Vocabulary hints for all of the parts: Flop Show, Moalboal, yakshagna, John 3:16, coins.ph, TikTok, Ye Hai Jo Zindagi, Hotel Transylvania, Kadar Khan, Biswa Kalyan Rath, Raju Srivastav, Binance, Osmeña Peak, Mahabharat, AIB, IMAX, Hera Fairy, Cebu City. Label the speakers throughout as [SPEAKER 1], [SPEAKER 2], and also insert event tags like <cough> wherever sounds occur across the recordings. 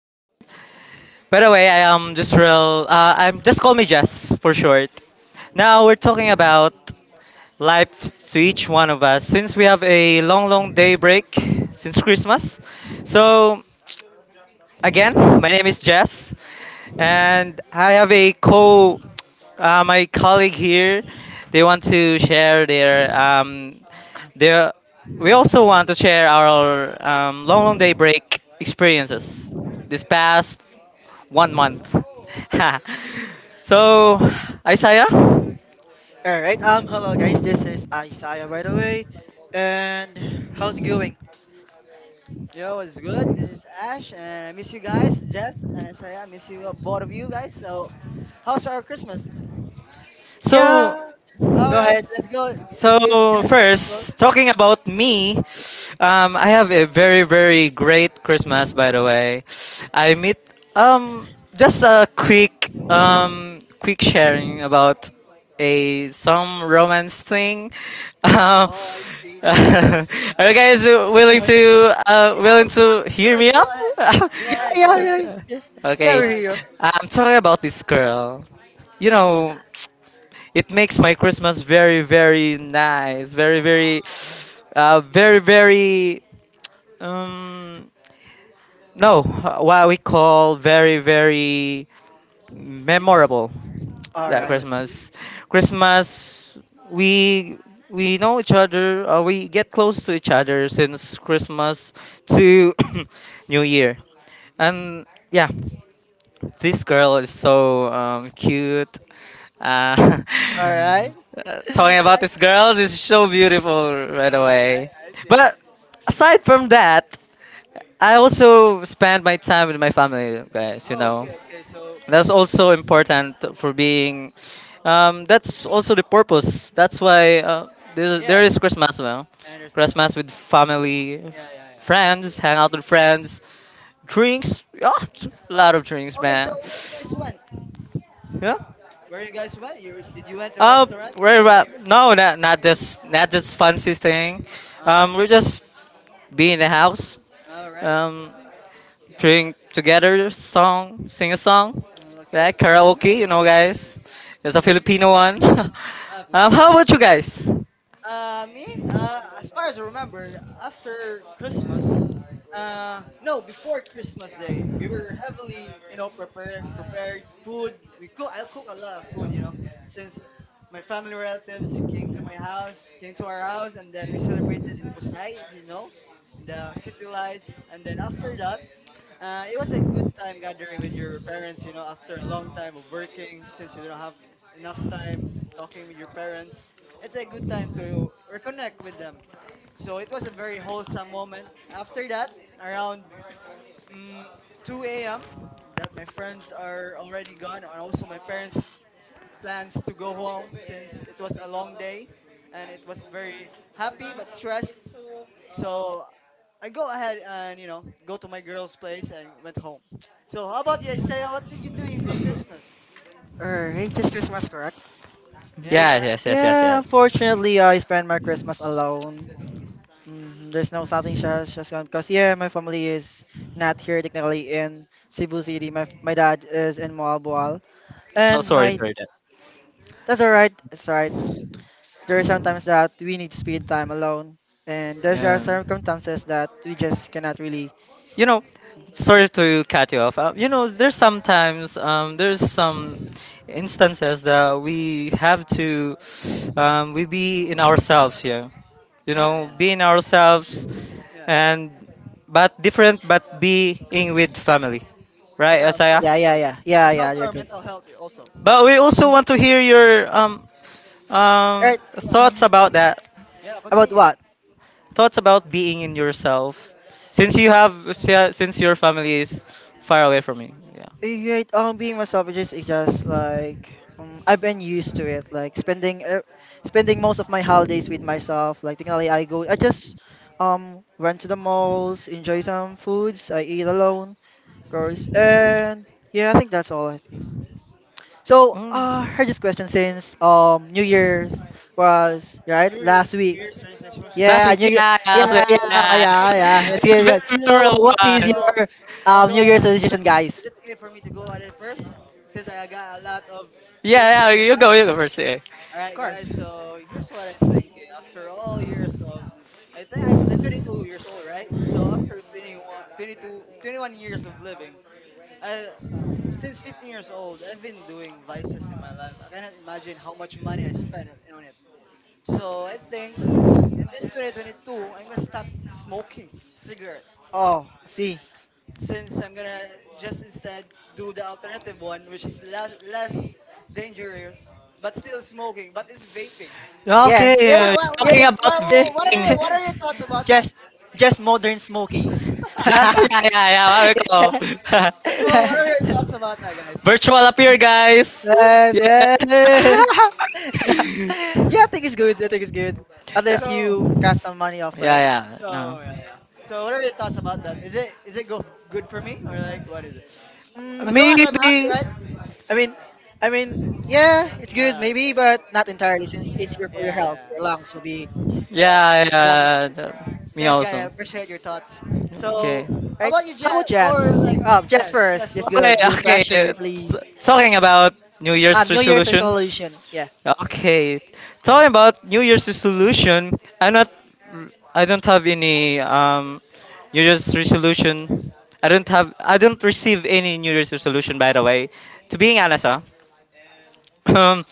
[SPEAKER 1] Um, by the way, I am just real. I'm just call me Jess for short. Now we're talking about life to each one of us since we have a long, long day break since Christmas. So again. My name is Jess, and I have a my colleague here. They want to share their their. We also want to share our long, long day break experiences this past 1 month. <laughs> so, Isaiah.
[SPEAKER 2] All right. Hello, guys. This is Isaiah, by the way. And how's it going?
[SPEAKER 3] Yo, it's good. This is Ash, and I miss you guys, Jess, and Isaiah. I miss you, both of you guys. So, how's our Christmas?
[SPEAKER 2] Yeah.
[SPEAKER 1] So,
[SPEAKER 3] All
[SPEAKER 2] Go
[SPEAKER 3] right,
[SPEAKER 2] ahead.
[SPEAKER 3] let's go. Let's give
[SPEAKER 1] So
[SPEAKER 3] Jess the floor.
[SPEAKER 1] first, talking about me, I have a very great Christmas, by the way. I meet just a quick quick sharing about a some romance thing. <laughs>
[SPEAKER 3] Oh, I see. That's
[SPEAKER 1] <laughs>
[SPEAKER 3] interesting.
[SPEAKER 1] Are you guys
[SPEAKER 2] Go
[SPEAKER 1] willing
[SPEAKER 2] ahead.
[SPEAKER 1] to
[SPEAKER 3] Yeah,
[SPEAKER 1] willing
[SPEAKER 3] of course.
[SPEAKER 1] to
[SPEAKER 3] Of
[SPEAKER 1] hear
[SPEAKER 3] course.
[SPEAKER 1] me
[SPEAKER 3] Go
[SPEAKER 1] up?
[SPEAKER 3] ahead.
[SPEAKER 2] Yeah.
[SPEAKER 3] Go ahead. Go
[SPEAKER 1] <laughs>
[SPEAKER 2] Yeah.
[SPEAKER 3] ahead.
[SPEAKER 2] Yeah.
[SPEAKER 1] okay,
[SPEAKER 2] Yeah.
[SPEAKER 1] okay.
[SPEAKER 2] Yeah.
[SPEAKER 3] Go
[SPEAKER 2] We're
[SPEAKER 3] ahead.
[SPEAKER 2] here.
[SPEAKER 1] I'm talking about this girl. You know.
[SPEAKER 3] Oh.
[SPEAKER 1] It makes my Christmas very, very nice. Very, very,
[SPEAKER 3] Wow.
[SPEAKER 1] very, very. Um, no, what we call very, very memorable.
[SPEAKER 2] All
[SPEAKER 1] That
[SPEAKER 3] Oh,
[SPEAKER 2] right.
[SPEAKER 3] I see.
[SPEAKER 1] Christmas,
[SPEAKER 2] Mhm.
[SPEAKER 1] Christmas, we we know each other. We get close to each other since Christmas to <coughs> New Year,
[SPEAKER 3] Mm-hmm.
[SPEAKER 1] and yeah. This girl is so cute. Uh,
[SPEAKER 2] All
[SPEAKER 1] <laughs>
[SPEAKER 2] right.
[SPEAKER 1] talking
[SPEAKER 3] I
[SPEAKER 1] about
[SPEAKER 3] like
[SPEAKER 1] this
[SPEAKER 3] that.
[SPEAKER 1] girl is so beautiful right
[SPEAKER 3] All right,
[SPEAKER 1] away.
[SPEAKER 3] I see. I see.
[SPEAKER 1] But aside from that, I also spend my time with my family, guys. You
[SPEAKER 3] Oh,
[SPEAKER 1] know,
[SPEAKER 3] okay, okay. So,
[SPEAKER 1] that's also important for being. That's also the purpose. There
[SPEAKER 3] yes,
[SPEAKER 1] is Christmas. Well,
[SPEAKER 3] I understand.
[SPEAKER 1] Christmas with family,
[SPEAKER 3] Yeah, yeah, yeah.
[SPEAKER 1] friends, hang out with friends, drinks. Oh, a
[SPEAKER 3] Oh,
[SPEAKER 1] lot of drinks,
[SPEAKER 3] okay. So,
[SPEAKER 1] man.
[SPEAKER 3] this one.
[SPEAKER 1] Yeah.
[SPEAKER 3] Where you guys went? You went to a
[SPEAKER 1] Uh,
[SPEAKER 3] restaurant
[SPEAKER 1] very
[SPEAKER 3] or
[SPEAKER 1] well.
[SPEAKER 3] like?
[SPEAKER 1] No, not this not this fancy thing.
[SPEAKER 3] Uh,
[SPEAKER 1] We're just be in the house.
[SPEAKER 3] all right.
[SPEAKER 1] Um, drink together, sing a song,
[SPEAKER 3] Okay.
[SPEAKER 1] like
[SPEAKER 2] Mhm.
[SPEAKER 3] Right.
[SPEAKER 1] karaoke. You know, guys, it's a
[SPEAKER 3] mm
[SPEAKER 1] Filipino one.
[SPEAKER 3] Ah,
[SPEAKER 1] <laughs>
[SPEAKER 3] Filipino
[SPEAKER 1] How about
[SPEAKER 3] tradition.
[SPEAKER 1] you guys?
[SPEAKER 3] Me. As far as I remember, after Christmas. No, before Christmas Day, we were heavily, prepared food. We cook. I cook a lot of food, since my family relatives came to my house, came to our house, and then we celebrated in Busay, if you know, in the city lights. And then after that, it was a good time gathering with your parents, after a long time of working, since you don't have enough time talking with your parents. It's a good time to reconnect with them. So it was a very wholesome moment. After that, around mm 2 a.m., that my friends are already gone, and also my parents' plans to go home, since it was a long day and it was very happy but stressed, so I go ahead and go to my girl's place and went home. So how about you, Isaiah? What did you do in Christmas?
[SPEAKER 2] All right. Just Christmas, correct? Mhm.
[SPEAKER 3] Yeah,
[SPEAKER 1] Yeah,
[SPEAKER 3] yeah.
[SPEAKER 1] yes, yes, yes,
[SPEAKER 2] Yeah.
[SPEAKER 1] yes.
[SPEAKER 2] Unfortunately, I spend my Christmas alone. There's no something just gone because yeah, my family is not here technically in Cebu City. My dad is in Moalboal.
[SPEAKER 1] So
[SPEAKER 2] And
[SPEAKER 1] sorry
[SPEAKER 2] my
[SPEAKER 3] Mhm.
[SPEAKER 1] for that.
[SPEAKER 2] That's alright. It's alright. There are sometimes that we need to spend time alone, and there are
[SPEAKER 1] Yeah.
[SPEAKER 2] circumstances that we just cannot really.
[SPEAKER 1] you know sorry to cut you off. There's sometimes there's some instances that we have to we be in ourselves here, you
[SPEAKER 3] Yeah,
[SPEAKER 1] know,
[SPEAKER 3] yeah,
[SPEAKER 1] be in
[SPEAKER 3] yeah,
[SPEAKER 1] ourselves.
[SPEAKER 3] yeah, yeah.
[SPEAKER 1] And But different, but being with family,
[SPEAKER 3] Yeah,
[SPEAKER 1] right,
[SPEAKER 3] yeah, of
[SPEAKER 1] asaya.
[SPEAKER 3] course, of
[SPEAKER 2] Yeah, yeah,
[SPEAKER 3] course.
[SPEAKER 2] yeah, yeah,
[SPEAKER 3] It
[SPEAKER 2] yeah.
[SPEAKER 3] helps
[SPEAKER 2] You're
[SPEAKER 3] our
[SPEAKER 2] good.
[SPEAKER 3] mental health also.
[SPEAKER 1] But we also
[SPEAKER 2] Mm.
[SPEAKER 1] want to hear your um,
[SPEAKER 2] Right.
[SPEAKER 3] Yeah,
[SPEAKER 1] thoughts
[SPEAKER 2] Mm.
[SPEAKER 1] about that
[SPEAKER 3] yeah.
[SPEAKER 2] About
[SPEAKER 3] Continue.
[SPEAKER 2] what?
[SPEAKER 1] thoughts about being in yourself, since you have, since your family is far away from you, yeah.
[SPEAKER 2] Right. Being myself it's just like I've been used to it. Like spending most of my holidays with myself. Like technically, I go. I just went to the malls, enjoy some foods. I eat alone, of course, and yeah, I think that's all. I think. So,
[SPEAKER 1] Mm.
[SPEAKER 2] heard this question since New Year's was right
[SPEAKER 3] Your New
[SPEAKER 2] last week.
[SPEAKER 3] Year's resolution?
[SPEAKER 1] Last
[SPEAKER 2] Yeah,
[SPEAKER 1] week,
[SPEAKER 2] New Year.
[SPEAKER 1] yeah, yeah,
[SPEAKER 2] Yeah,
[SPEAKER 1] last week,
[SPEAKER 3] Yeah,
[SPEAKER 2] yeah, yeah,
[SPEAKER 3] yeah.
[SPEAKER 1] yeah.
[SPEAKER 3] I
[SPEAKER 2] yeah,
[SPEAKER 3] got
[SPEAKER 2] yeah.
[SPEAKER 3] you guys.
[SPEAKER 2] Let's
[SPEAKER 1] That's
[SPEAKER 2] get
[SPEAKER 1] a very
[SPEAKER 2] it. So,
[SPEAKER 1] memorable
[SPEAKER 2] what is
[SPEAKER 1] one.
[SPEAKER 3] So
[SPEAKER 2] your
[SPEAKER 3] I'll
[SPEAKER 2] New
[SPEAKER 3] go
[SPEAKER 2] Year's
[SPEAKER 3] ahead
[SPEAKER 2] resolution,
[SPEAKER 3] first. Is
[SPEAKER 2] guys?
[SPEAKER 3] it okay for me to go ahead first since I got a lot of things in
[SPEAKER 1] Yeah, yeah,
[SPEAKER 3] my mind?
[SPEAKER 1] you go first. Yeah.
[SPEAKER 3] All
[SPEAKER 2] Of
[SPEAKER 3] right, guys.
[SPEAKER 2] course.
[SPEAKER 3] So here's what I'm thinking. After all years of, I think I'm 22 years old, right? So after 21, 22, 21 years of living, I, since 15 years old, I've been doing vices in my life. I cannot imagine how much money I spent on it. So I think in this 2022, I'm gonna stop smoking cigarette,
[SPEAKER 2] Oh, see.
[SPEAKER 3] since I'm gonna just instead do the alternative one, which is less dangerous but still smoking, but it's vaping.
[SPEAKER 2] Yeah, yeah,
[SPEAKER 3] What,
[SPEAKER 1] Okay,
[SPEAKER 3] what, what,
[SPEAKER 2] yeah.
[SPEAKER 1] talking about
[SPEAKER 2] yeah.
[SPEAKER 3] what what are your,
[SPEAKER 1] vaping.
[SPEAKER 3] what
[SPEAKER 2] <laughs>
[SPEAKER 3] are your thoughts about that?
[SPEAKER 2] just, just modern smoking.
[SPEAKER 3] <laughs> So
[SPEAKER 1] Yeah, yeah, yeah, yeah. What we call
[SPEAKER 3] what are your
[SPEAKER 2] <laughs>
[SPEAKER 1] <laughs>
[SPEAKER 3] thoughts
[SPEAKER 2] <laughs>
[SPEAKER 3] about that, guys?
[SPEAKER 1] virtual appear, guys.
[SPEAKER 2] Yes, yes. <laughs>
[SPEAKER 1] Yeah.
[SPEAKER 2] yeah, yeah, I
[SPEAKER 1] <laughs>
[SPEAKER 2] think it's good. I think it's good. Unless
[SPEAKER 3] So
[SPEAKER 2] you cut some money off, right?
[SPEAKER 1] yeah, yeah. No.
[SPEAKER 3] so yeah, yeah. So what are your thoughts about that? Is it go good for me or like what is it? As
[SPEAKER 2] Mm,
[SPEAKER 3] long as I'm happy,
[SPEAKER 1] Maybe.
[SPEAKER 3] right?
[SPEAKER 2] I mean, I mean, yeah, it's good
[SPEAKER 3] Ah, okay.
[SPEAKER 2] maybe, but
[SPEAKER 3] Okay.
[SPEAKER 2] not entirely since it's here
[SPEAKER 3] Yeah,
[SPEAKER 2] for your
[SPEAKER 3] yeah.
[SPEAKER 2] health.
[SPEAKER 3] Yeah.
[SPEAKER 2] Your lungs will be
[SPEAKER 1] Yeah,
[SPEAKER 2] damaged,
[SPEAKER 1] yeah. Me
[SPEAKER 3] Thanks, guys. I
[SPEAKER 1] also.
[SPEAKER 3] appreciate your thoughts.
[SPEAKER 2] mm,
[SPEAKER 1] Okay.
[SPEAKER 3] So how
[SPEAKER 2] right?
[SPEAKER 3] about you,
[SPEAKER 2] How
[SPEAKER 3] Jess?
[SPEAKER 2] about
[SPEAKER 3] Or
[SPEAKER 2] jazz?
[SPEAKER 3] like
[SPEAKER 2] Oh, jazz
[SPEAKER 3] Jess? Jess,
[SPEAKER 2] first. Yes,
[SPEAKER 3] what's your
[SPEAKER 1] Okay,
[SPEAKER 2] good. Do the
[SPEAKER 3] yours?
[SPEAKER 1] okay.
[SPEAKER 2] pressure, please.
[SPEAKER 1] Talking about New Year's
[SPEAKER 2] New Year's
[SPEAKER 1] resolution.
[SPEAKER 2] resolution. Yeah.
[SPEAKER 1] Okay, talking about New Year's resolution, I'm not, I don't have any New Year's resolution. I don't receive any New Year's resolution. By the way, to being honest, huh? <clears throat> um,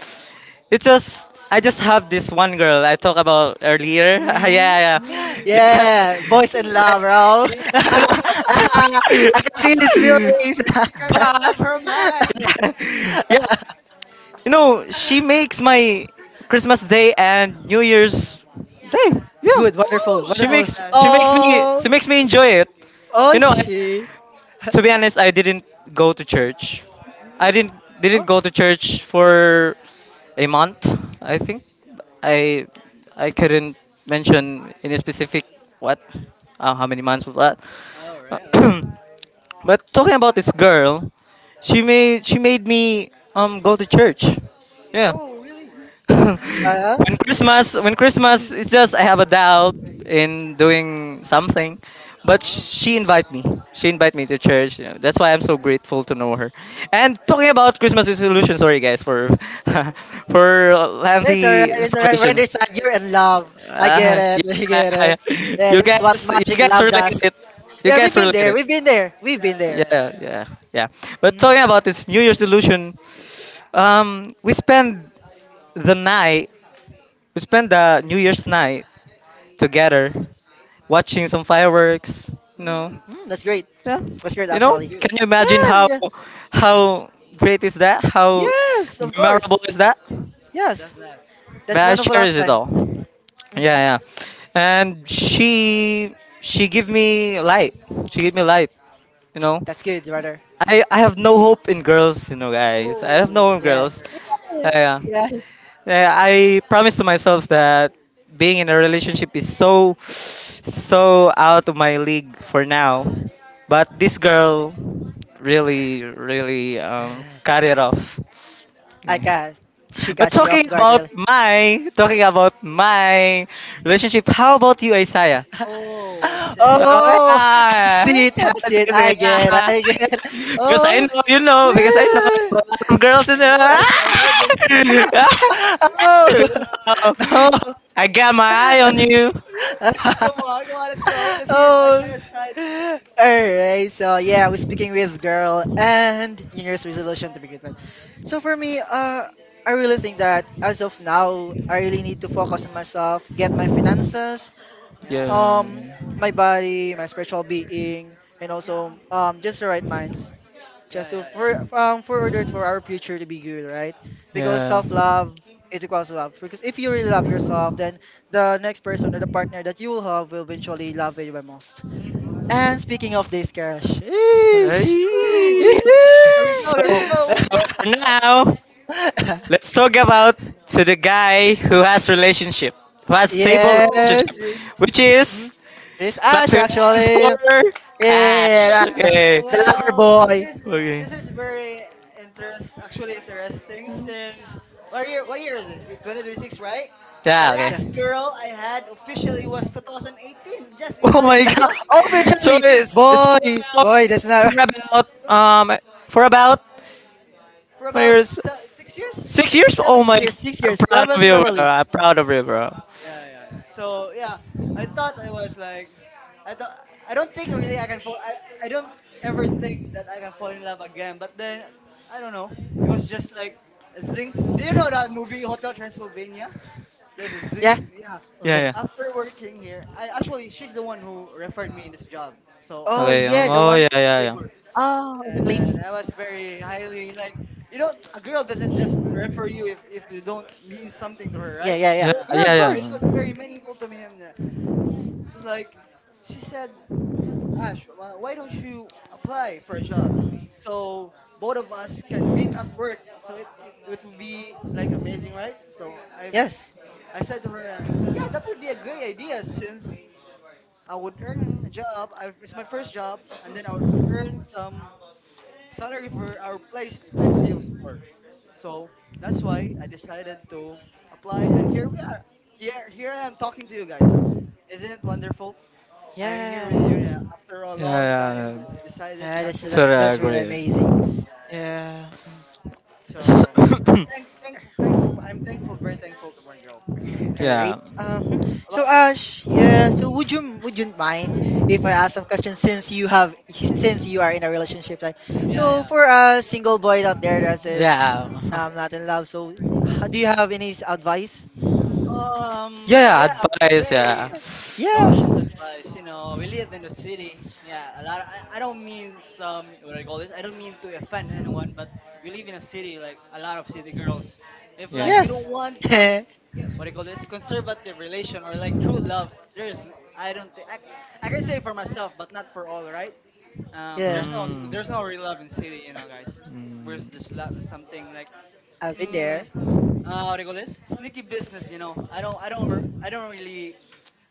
[SPEAKER 1] it just, I just have this one girl I talked about earlier. <laughs> yeah,
[SPEAKER 2] hmm
[SPEAKER 1] yeah, yeah.
[SPEAKER 3] Hmm. <laughs>
[SPEAKER 2] Yeah, boys in
[SPEAKER 1] <laughs>
[SPEAKER 2] love,
[SPEAKER 1] like,
[SPEAKER 2] bro. <laughs>
[SPEAKER 1] <laughs> I don't know.
[SPEAKER 2] I can feel his feelings.
[SPEAKER 3] She
[SPEAKER 1] <laughs>
[SPEAKER 3] can't
[SPEAKER 2] <laughs>
[SPEAKER 3] get
[SPEAKER 1] but
[SPEAKER 3] off her mind.
[SPEAKER 1] yeah, yeah. You know, she makes my Christmas Day and New Year's Day. Yeah.
[SPEAKER 2] Good, wonderful,
[SPEAKER 3] Woo! That's
[SPEAKER 2] wonderful.
[SPEAKER 3] nice.
[SPEAKER 2] Oh,
[SPEAKER 1] She makes me enjoy it.
[SPEAKER 2] oh,
[SPEAKER 1] You
[SPEAKER 3] Wow.
[SPEAKER 1] know, I,
[SPEAKER 2] she. <laughs>
[SPEAKER 1] to be honest, I didn't go to church. I
[SPEAKER 3] hmm
[SPEAKER 1] didn't
[SPEAKER 2] Oh,
[SPEAKER 1] go to church for a month, I think. I I couldn't mention any specific what how many months was that.
[SPEAKER 3] All right, all right.
[SPEAKER 1] <clears throat> but talking about this girl, she made me go to church. Yeah.
[SPEAKER 3] Oh, really?
[SPEAKER 1] <laughs>
[SPEAKER 2] uh,
[SPEAKER 3] That's amazing.
[SPEAKER 1] When Christmas, it's just I have a doubt in doing something, but
[SPEAKER 3] Wow.
[SPEAKER 1] she invite me. She invite me to church. You know, that's why I'm so grateful to know her. And talking about Christmas resolution, sorry guys for <laughs> for
[SPEAKER 2] it's alright,
[SPEAKER 1] lengthy
[SPEAKER 2] it's alright. We
[SPEAKER 1] information.
[SPEAKER 2] understand you're in love. I get it, <laughs> I
[SPEAKER 1] Yeah,
[SPEAKER 2] get
[SPEAKER 1] <laughs> yeah.
[SPEAKER 2] it. Yeah, that's what
[SPEAKER 1] You
[SPEAKER 2] magic
[SPEAKER 1] guys
[SPEAKER 2] love
[SPEAKER 1] relate
[SPEAKER 2] does.
[SPEAKER 1] it. You
[SPEAKER 2] Yeah,
[SPEAKER 1] guys
[SPEAKER 2] we've been
[SPEAKER 1] relate
[SPEAKER 2] there,
[SPEAKER 1] it.
[SPEAKER 2] we've been there, we've
[SPEAKER 3] Yeah,
[SPEAKER 2] been
[SPEAKER 3] yeah,
[SPEAKER 2] there.
[SPEAKER 3] yeah,
[SPEAKER 1] Yeah,
[SPEAKER 3] yeah.
[SPEAKER 1] yeah, yeah. But
[SPEAKER 2] Mm,
[SPEAKER 1] talking about this New Year's resolution, we spend the night. We spent the New Year's night together, watching some fireworks. You
[SPEAKER 3] Yeah.
[SPEAKER 1] know,
[SPEAKER 3] Mm-hmm.
[SPEAKER 2] that's great.
[SPEAKER 1] yeah.
[SPEAKER 2] That's
[SPEAKER 3] That's
[SPEAKER 2] great,
[SPEAKER 3] a
[SPEAKER 1] You know,
[SPEAKER 3] nice
[SPEAKER 2] actually.
[SPEAKER 3] view.
[SPEAKER 1] can you imagine
[SPEAKER 2] Yeah,
[SPEAKER 1] how
[SPEAKER 2] yeah.
[SPEAKER 1] how great is that? How
[SPEAKER 2] Yes, of
[SPEAKER 1] memorable
[SPEAKER 2] course.
[SPEAKER 1] is that?
[SPEAKER 2] Yes.
[SPEAKER 3] That's nice.
[SPEAKER 2] That's
[SPEAKER 1] That I
[SPEAKER 2] one of a
[SPEAKER 1] cherish it
[SPEAKER 2] lifetime.
[SPEAKER 1] all.
[SPEAKER 2] hmm
[SPEAKER 1] Yeah, yeah. And she give me light. She give me light. You know,
[SPEAKER 2] That's good, brother.
[SPEAKER 1] I have no hope in girls. You know, guys. I have no
[SPEAKER 3] Oh,
[SPEAKER 1] hope in
[SPEAKER 2] Yeah.
[SPEAKER 3] that's
[SPEAKER 1] girls.
[SPEAKER 3] very tough.
[SPEAKER 2] Yeah.
[SPEAKER 1] Yeah. yeah. Yeah, I promised to myself that being in a relationship is so so out of my league for now. But this girl really really
[SPEAKER 2] Yeah.
[SPEAKER 1] cut it off.
[SPEAKER 2] <laughs> I
[SPEAKER 1] Okay.
[SPEAKER 2] got. She
[SPEAKER 1] But
[SPEAKER 2] caught you off guard, really. <gasps>
[SPEAKER 1] talking about my relationship, how about you, Isaiah?
[SPEAKER 3] Oh,
[SPEAKER 1] <laughs>
[SPEAKER 2] <laughs>
[SPEAKER 3] Isaiah.
[SPEAKER 1] Okay,
[SPEAKER 2] Oh,
[SPEAKER 1] ah.
[SPEAKER 2] that's it. That's it.
[SPEAKER 1] Sige, sige.
[SPEAKER 2] I get.
[SPEAKER 1] Ah.
[SPEAKER 2] I get.
[SPEAKER 1] because
[SPEAKER 2] Oh.
[SPEAKER 1] I know, you know, because I know
[SPEAKER 2] <sighs> <laughs>
[SPEAKER 1] some girls in
[SPEAKER 3] I
[SPEAKER 1] there.
[SPEAKER 3] know
[SPEAKER 1] <laughs>
[SPEAKER 3] this. I know this.
[SPEAKER 1] Ah!
[SPEAKER 2] Oh.
[SPEAKER 1] Ah! I got my eye
[SPEAKER 2] <laughs>
[SPEAKER 1] on
[SPEAKER 2] no.
[SPEAKER 1] you.
[SPEAKER 2] <laughs> <laughs>
[SPEAKER 3] Come on, come on. Let's go. Let's hear
[SPEAKER 2] oh.
[SPEAKER 3] Isaiah's side.
[SPEAKER 2] Alright, so yeah, we're speaking with girl and New Year's resolution to begin with. So for me, I really think that as of now, I really need to focus on myself, get my
[SPEAKER 3] Mm.
[SPEAKER 2] finances,
[SPEAKER 3] Yeah, yeah. That's,
[SPEAKER 2] um,
[SPEAKER 1] Yeah.
[SPEAKER 2] my body, my spiritual being, and
[SPEAKER 3] yeah.
[SPEAKER 2] also just the right minds
[SPEAKER 3] Yeah,
[SPEAKER 2] just to
[SPEAKER 3] yeah,
[SPEAKER 2] for
[SPEAKER 3] yeah.
[SPEAKER 2] um for order for our future to be good, right? Because
[SPEAKER 1] Yeah.
[SPEAKER 2] self love is equals to love. Because if you really love yourself, then the next person or the partner that you will have will eventually love you the most.
[SPEAKER 3] Mm-hmm, mm-hmm.
[SPEAKER 2] And speaking of this, Carol, sheesh.
[SPEAKER 3] Woo! Here
[SPEAKER 1] Ay.
[SPEAKER 2] <laughs>
[SPEAKER 3] we go. Here we
[SPEAKER 1] So,
[SPEAKER 3] go.
[SPEAKER 1] so for now, let's talk about to the guy who has relationship, who has stable
[SPEAKER 2] yes.
[SPEAKER 3] Oh.
[SPEAKER 1] relationship, which
[SPEAKER 2] Mm.
[SPEAKER 1] is
[SPEAKER 2] It's
[SPEAKER 1] clap
[SPEAKER 2] Ash
[SPEAKER 1] your hands for
[SPEAKER 2] actually.
[SPEAKER 1] Ash.
[SPEAKER 2] Yeah,
[SPEAKER 3] The-
[SPEAKER 2] Ash,
[SPEAKER 3] uh,
[SPEAKER 1] Okay.
[SPEAKER 2] the lover
[SPEAKER 3] well,
[SPEAKER 2] boy.
[SPEAKER 3] this
[SPEAKER 1] Okay.
[SPEAKER 3] this is very interest actually interesting. Since what year is it? 2026, right? The
[SPEAKER 1] Yeah.
[SPEAKER 2] Yeah.
[SPEAKER 3] last girl
[SPEAKER 1] Okay.
[SPEAKER 3] I had officially was 2018. Just
[SPEAKER 1] Oh my
[SPEAKER 3] imagine, bro.
[SPEAKER 2] <laughs>
[SPEAKER 1] god.
[SPEAKER 2] oh,
[SPEAKER 1] So
[SPEAKER 2] officially,
[SPEAKER 1] it's
[SPEAKER 2] boy,
[SPEAKER 1] for about,
[SPEAKER 2] boy, that's not
[SPEAKER 1] for
[SPEAKER 2] right.
[SPEAKER 1] about
[SPEAKER 3] Bro,
[SPEAKER 1] for about
[SPEAKER 3] yeah. For about
[SPEAKER 1] Mayors,
[SPEAKER 3] 6 years,
[SPEAKER 1] six years?
[SPEAKER 3] seven
[SPEAKER 1] Oh
[SPEAKER 2] Six
[SPEAKER 1] my!
[SPEAKER 3] years.
[SPEAKER 2] years, six
[SPEAKER 1] I'm
[SPEAKER 2] years,
[SPEAKER 1] proud of
[SPEAKER 2] seven,
[SPEAKER 1] you, bro.
[SPEAKER 2] probably.
[SPEAKER 1] I'm proud of you, bro.
[SPEAKER 3] Yeah, yeah, yeah. So yeah, I thought I was like, I thought I don't think really I can fall. I don't ever think that I can fall in love again. But then I don't know. It was just like a zing. Do you know that movie Hotel Transylvania? There's a
[SPEAKER 2] Yeah,
[SPEAKER 3] zing.
[SPEAKER 1] Yeah,
[SPEAKER 3] Yeah.
[SPEAKER 2] zing.
[SPEAKER 1] yeah.
[SPEAKER 3] After working here, I actually she's the one who referred me in this job. So I
[SPEAKER 2] Oh
[SPEAKER 3] was
[SPEAKER 1] Okay.
[SPEAKER 2] yeah, the
[SPEAKER 3] very
[SPEAKER 1] Oh
[SPEAKER 2] one.
[SPEAKER 1] yeah, yeah,
[SPEAKER 3] favored,
[SPEAKER 2] Oh, in the
[SPEAKER 3] and then
[SPEAKER 2] claims.
[SPEAKER 3] I was very highly like, a girl doesn't just refer
[SPEAKER 1] yeah.
[SPEAKER 3] you if you don't mean something to her,
[SPEAKER 2] Yeah,
[SPEAKER 3] right?
[SPEAKER 2] yeah, yeah,
[SPEAKER 1] Yeah,
[SPEAKER 3] Yeah,
[SPEAKER 2] yeah. Of
[SPEAKER 3] so it
[SPEAKER 2] course.
[SPEAKER 3] was very
[SPEAKER 1] yeah,
[SPEAKER 3] meaningful to him, just like she said, Ash, why don't you apply for a job so both of us can meet at work, so it would be like amazing, right? So
[SPEAKER 2] Yes.
[SPEAKER 3] I said to her, yeah, that would be a great idea, since I
[SPEAKER 1] yeah.
[SPEAKER 3] would earn a job. It's my first job, and then I would earn some salary for our place to pay bills for. So that's why I decided to apply, and here we are. Here I am talking to you guys. Isn't it wonderful? I am here with you
[SPEAKER 2] Yes.
[SPEAKER 3] now. After a long time, I decided
[SPEAKER 2] Yeah,
[SPEAKER 3] not
[SPEAKER 2] that's
[SPEAKER 3] to
[SPEAKER 2] that's
[SPEAKER 3] do
[SPEAKER 2] that's really
[SPEAKER 3] something.
[SPEAKER 2] amazing.
[SPEAKER 3] Yeah, yeah. Yeah.
[SPEAKER 2] Yeah. Mm.
[SPEAKER 1] So
[SPEAKER 3] So,
[SPEAKER 1] <coughs>
[SPEAKER 3] thankful. I'm thankful, very thankful to my girl.
[SPEAKER 2] All
[SPEAKER 3] Thank you.
[SPEAKER 2] right.
[SPEAKER 1] that.
[SPEAKER 3] About-
[SPEAKER 2] So Ash, yeah. So would you mind if I ask some questions since you have since you are in a relationship? Like, so
[SPEAKER 3] Yeah,
[SPEAKER 2] for a single boy out there that is
[SPEAKER 1] Yeah. <laughs>
[SPEAKER 2] not in love, so do you have any advice?
[SPEAKER 3] yeah. Um,
[SPEAKER 1] Yeah, yeah,
[SPEAKER 3] yeah,
[SPEAKER 1] advice, yeah.
[SPEAKER 3] very.
[SPEAKER 2] Yeah.
[SPEAKER 3] Cautious advice, we live in the city. Yeah, a lot. I don't mean some, what do I call this. I don't mean to offend anyone, but we live in a city. Like a lot of city girls, if
[SPEAKER 1] Yeah.
[SPEAKER 3] like you don't
[SPEAKER 2] Yes.
[SPEAKER 3] want
[SPEAKER 2] <laughs>
[SPEAKER 3] some,
[SPEAKER 2] yeah.
[SPEAKER 3] what do you call this, conservative relation or like true love, I don't think I can say for myself, but not for all, right? There's no
[SPEAKER 1] Hmm.
[SPEAKER 3] there's no real love in city, guys. Where's this love? Something like.
[SPEAKER 2] I've been
[SPEAKER 3] mm,
[SPEAKER 2] there.
[SPEAKER 3] what do you call this? Sneaky business. I don't really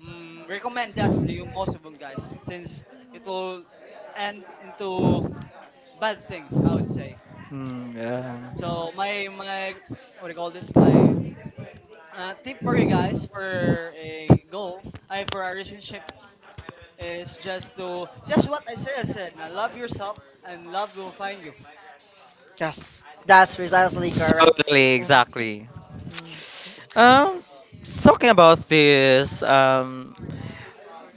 [SPEAKER 3] recommend that to you, most of them guys, since it will end into bad things. I would say.
[SPEAKER 1] Hmm. Hmm. yeah.
[SPEAKER 2] Mm,
[SPEAKER 3] So my, what do you call this? My tip for you guys for a goal, I for a relationship is just what I said. I said, now love yourself and love will find you.
[SPEAKER 2] Yes. That's precisely correct.
[SPEAKER 1] Totally,
[SPEAKER 2] Mm,
[SPEAKER 1] exactly.
[SPEAKER 2] mm.
[SPEAKER 1] Um, talking about this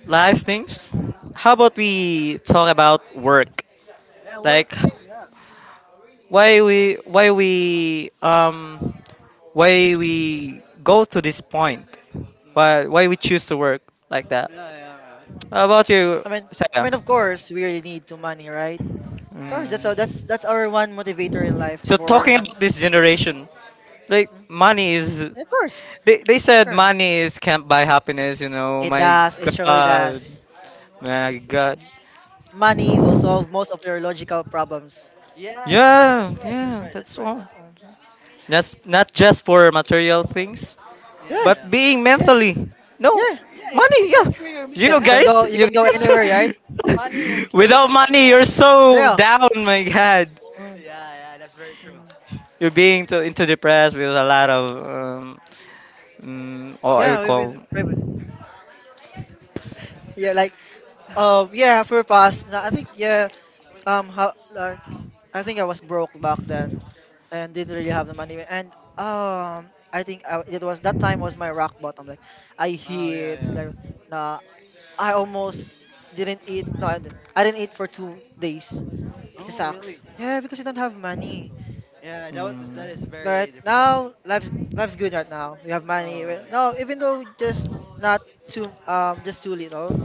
[SPEAKER 1] life things.
[SPEAKER 3] Mm.
[SPEAKER 1] How about we talk about work?
[SPEAKER 3] Yeah, work
[SPEAKER 1] Like
[SPEAKER 3] thing. Yeah.
[SPEAKER 1] why we why we um why we go to this point?
[SPEAKER 3] Mm.
[SPEAKER 1] Why we choose to work like that?
[SPEAKER 3] Yeah, yeah, yeah.
[SPEAKER 1] How about you,
[SPEAKER 2] I mean, I
[SPEAKER 1] Saya?
[SPEAKER 2] mean, of course, we really need to money, right? Of course, that's
[SPEAKER 3] Yeah,
[SPEAKER 2] our, that's
[SPEAKER 1] Mm.
[SPEAKER 2] that's our one motivator in life.
[SPEAKER 1] So
[SPEAKER 2] Work,
[SPEAKER 1] talking
[SPEAKER 2] money.
[SPEAKER 1] about this generation, like
[SPEAKER 2] Mm.
[SPEAKER 1] money is.
[SPEAKER 2] Of course.
[SPEAKER 1] They said
[SPEAKER 2] Sure.
[SPEAKER 1] money is can't buy happiness. You know,
[SPEAKER 2] It
[SPEAKER 1] my
[SPEAKER 2] does. It surely
[SPEAKER 1] God,
[SPEAKER 2] does.
[SPEAKER 1] my God.
[SPEAKER 2] Money will solve most of your logical problems.
[SPEAKER 3] yeah, that's right,
[SPEAKER 1] Yeah,
[SPEAKER 3] that's right, that's
[SPEAKER 1] yeah,
[SPEAKER 2] Mhm.
[SPEAKER 3] right, that's
[SPEAKER 1] that's
[SPEAKER 3] right.
[SPEAKER 1] all.
[SPEAKER 2] Mhm.
[SPEAKER 1] That's not just for material things,
[SPEAKER 2] Yeah,
[SPEAKER 3] Yeah,
[SPEAKER 1] but
[SPEAKER 3] yeah.
[SPEAKER 1] being
[SPEAKER 2] yeah,
[SPEAKER 1] mentally. No,
[SPEAKER 2] yeah.
[SPEAKER 3] Yeah, it,
[SPEAKER 1] money.
[SPEAKER 3] it will
[SPEAKER 1] Yeah,
[SPEAKER 3] cure your
[SPEAKER 2] You can
[SPEAKER 3] mental
[SPEAKER 1] you
[SPEAKER 2] you can
[SPEAKER 3] health.
[SPEAKER 1] guys,
[SPEAKER 2] go you
[SPEAKER 1] you
[SPEAKER 2] can go
[SPEAKER 3] Yeah,
[SPEAKER 1] guys.
[SPEAKER 3] yeah.
[SPEAKER 2] anywhere, right?
[SPEAKER 3] Money will
[SPEAKER 1] <laughs>
[SPEAKER 3] cure
[SPEAKER 1] Without
[SPEAKER 3] mental
[SPEAKER 1] money,
[SPEAKER 3] health.
[SPEAKER 1] you're so
[SPEAKER 2] Yeah,
[SPEAKER 1] down. My God.
[SPEAKER 2] Mm,
[SPEAKER 3] Yeah, yeah, that's very true.
[SPEAKER 2] mm.
[SPEAKER 1] You're being too into depressed with a lot of oh, I
[SPEAKER 2] yeah.
[SPEAKER 1] would
[SPEAKER 2] We've
[SPEAKER 1] call.
[SPEAKER 2] been, we've been yeah, like yeah for past. No, I think yeah how like I think I was broke back then, and didn't really have the money. And I think I, it was that time was my rock bottom. Like I
[SPEAKER 3] Oh yeah,
[SPEAKER 2] hit
[SPEAKER 3] yeah.
[SPEAKER 2] like. Nah, I almost didn't eat. No, I didn't eat for 2 days. The
[SPEAKER 3] Oh really?
[SPEAKER 2] sucks. Yeah, because you don't have money.
[SPEAKER 3] Yeah,
[SPEAKER 1] Mm,
[SPEAKER 3] that
[SPEAKER 2] Mm.
[SPEAKER 3] is
[SPEAKER 2] But
[SPEAKER 3] very depressing.
[SPEAKER 2] now life's good right now. You have money.
[SPEAKER 3] Oh
[SPEAKER 2] Well,
[SPEAKER 3] right.
[SPEAKER 2] No, even though just not too just too little,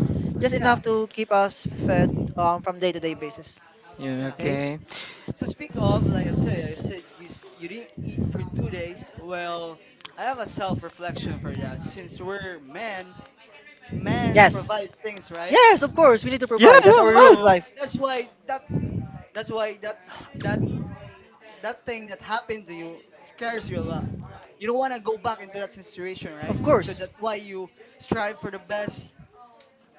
[SPEAKER 2] just
[SPEAKER 3] Yeah,
[SPEAKER 2] enough to keep us fed from day to day basis.
[SPEAKER 1] yeah,
[SPEAKER 3] yeah.
[SPEAKER 2] Right?
[SPEAKER 1] okay.
[SPEAKER 3] To speak of, like I said you didn't eat for 2 days. Well, I have a self reflection for that. Since we're men, men
[SPEAKER 2] Yes.
[SPEAKER 3] provide things, right?
[SPEAKER 2] Yes, of course. We need to
[SPEAKER 1] Yeah,
[SPEAKER 2] provide.
[SPEAKER 1] yeah,
[SPEAKER 2] That's our rule in
[SPEAKER 1] man.
[SPEAKER 3] So
[SPEAKER 2] life.
[SPEAKER 3] that's why that that's why that that thing that happened to you scares you a lot. You don't want to go back into that situation, right?
[SPEAKER 2] Of
[SPEAKER 3] So
[SPEAKER 2] course.
[SPEAKER 3] that's why you strive for the best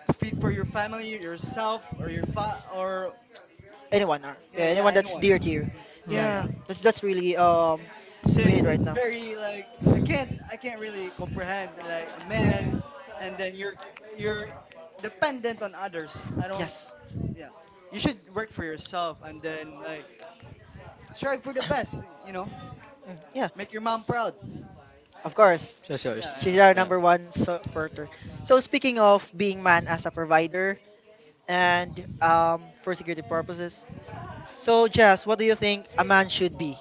[SPEAKER 3] to feed for your family, yourself, or or
[SPEAKER 2] Anyone are. Yeah,
[SPEAKER 3] yeah, yeah,
[SPEAKER 2] anyone that's
[SPEAKER 3] anyone.
[SPEAKER 2] dear to you.
[SPEAKER 3] Yeah, yeah.
[SPEAKER 2] Yeah.
[SPEAKER 1] Mm.
[SPEAKER 2] That's really we
[SPEAKER 3] Since
[SPEAKER 2] need right
[SPEAKER 3] it's
[SPEAKER 2] now.
[SPEAKER 3] very like I can't really comprehend like a man, and then you're dependent on others. I don't.
[SPEAKER 2] Yes.
[SPEAKER 3] Yeah, you should work for yourself and then like strive for the best. You know,
[SPEAKER 2] Mm, yeah.
[SPEAKER 3] make your mom proud.
[SPEAKER 2] Of course,
[SPEAKER 1] Just
[SPEAKER 3] Yeah,
[SPEAKER 1] yours.
[SPEAKER 3] yeah,
[SPEAKER 2] she's our
[SPEAKER 1] Yeah.
[SPEAKER 2] number one supporter. So speaking of being man as a provider and for security purposes, so Jess, what do you think a man should be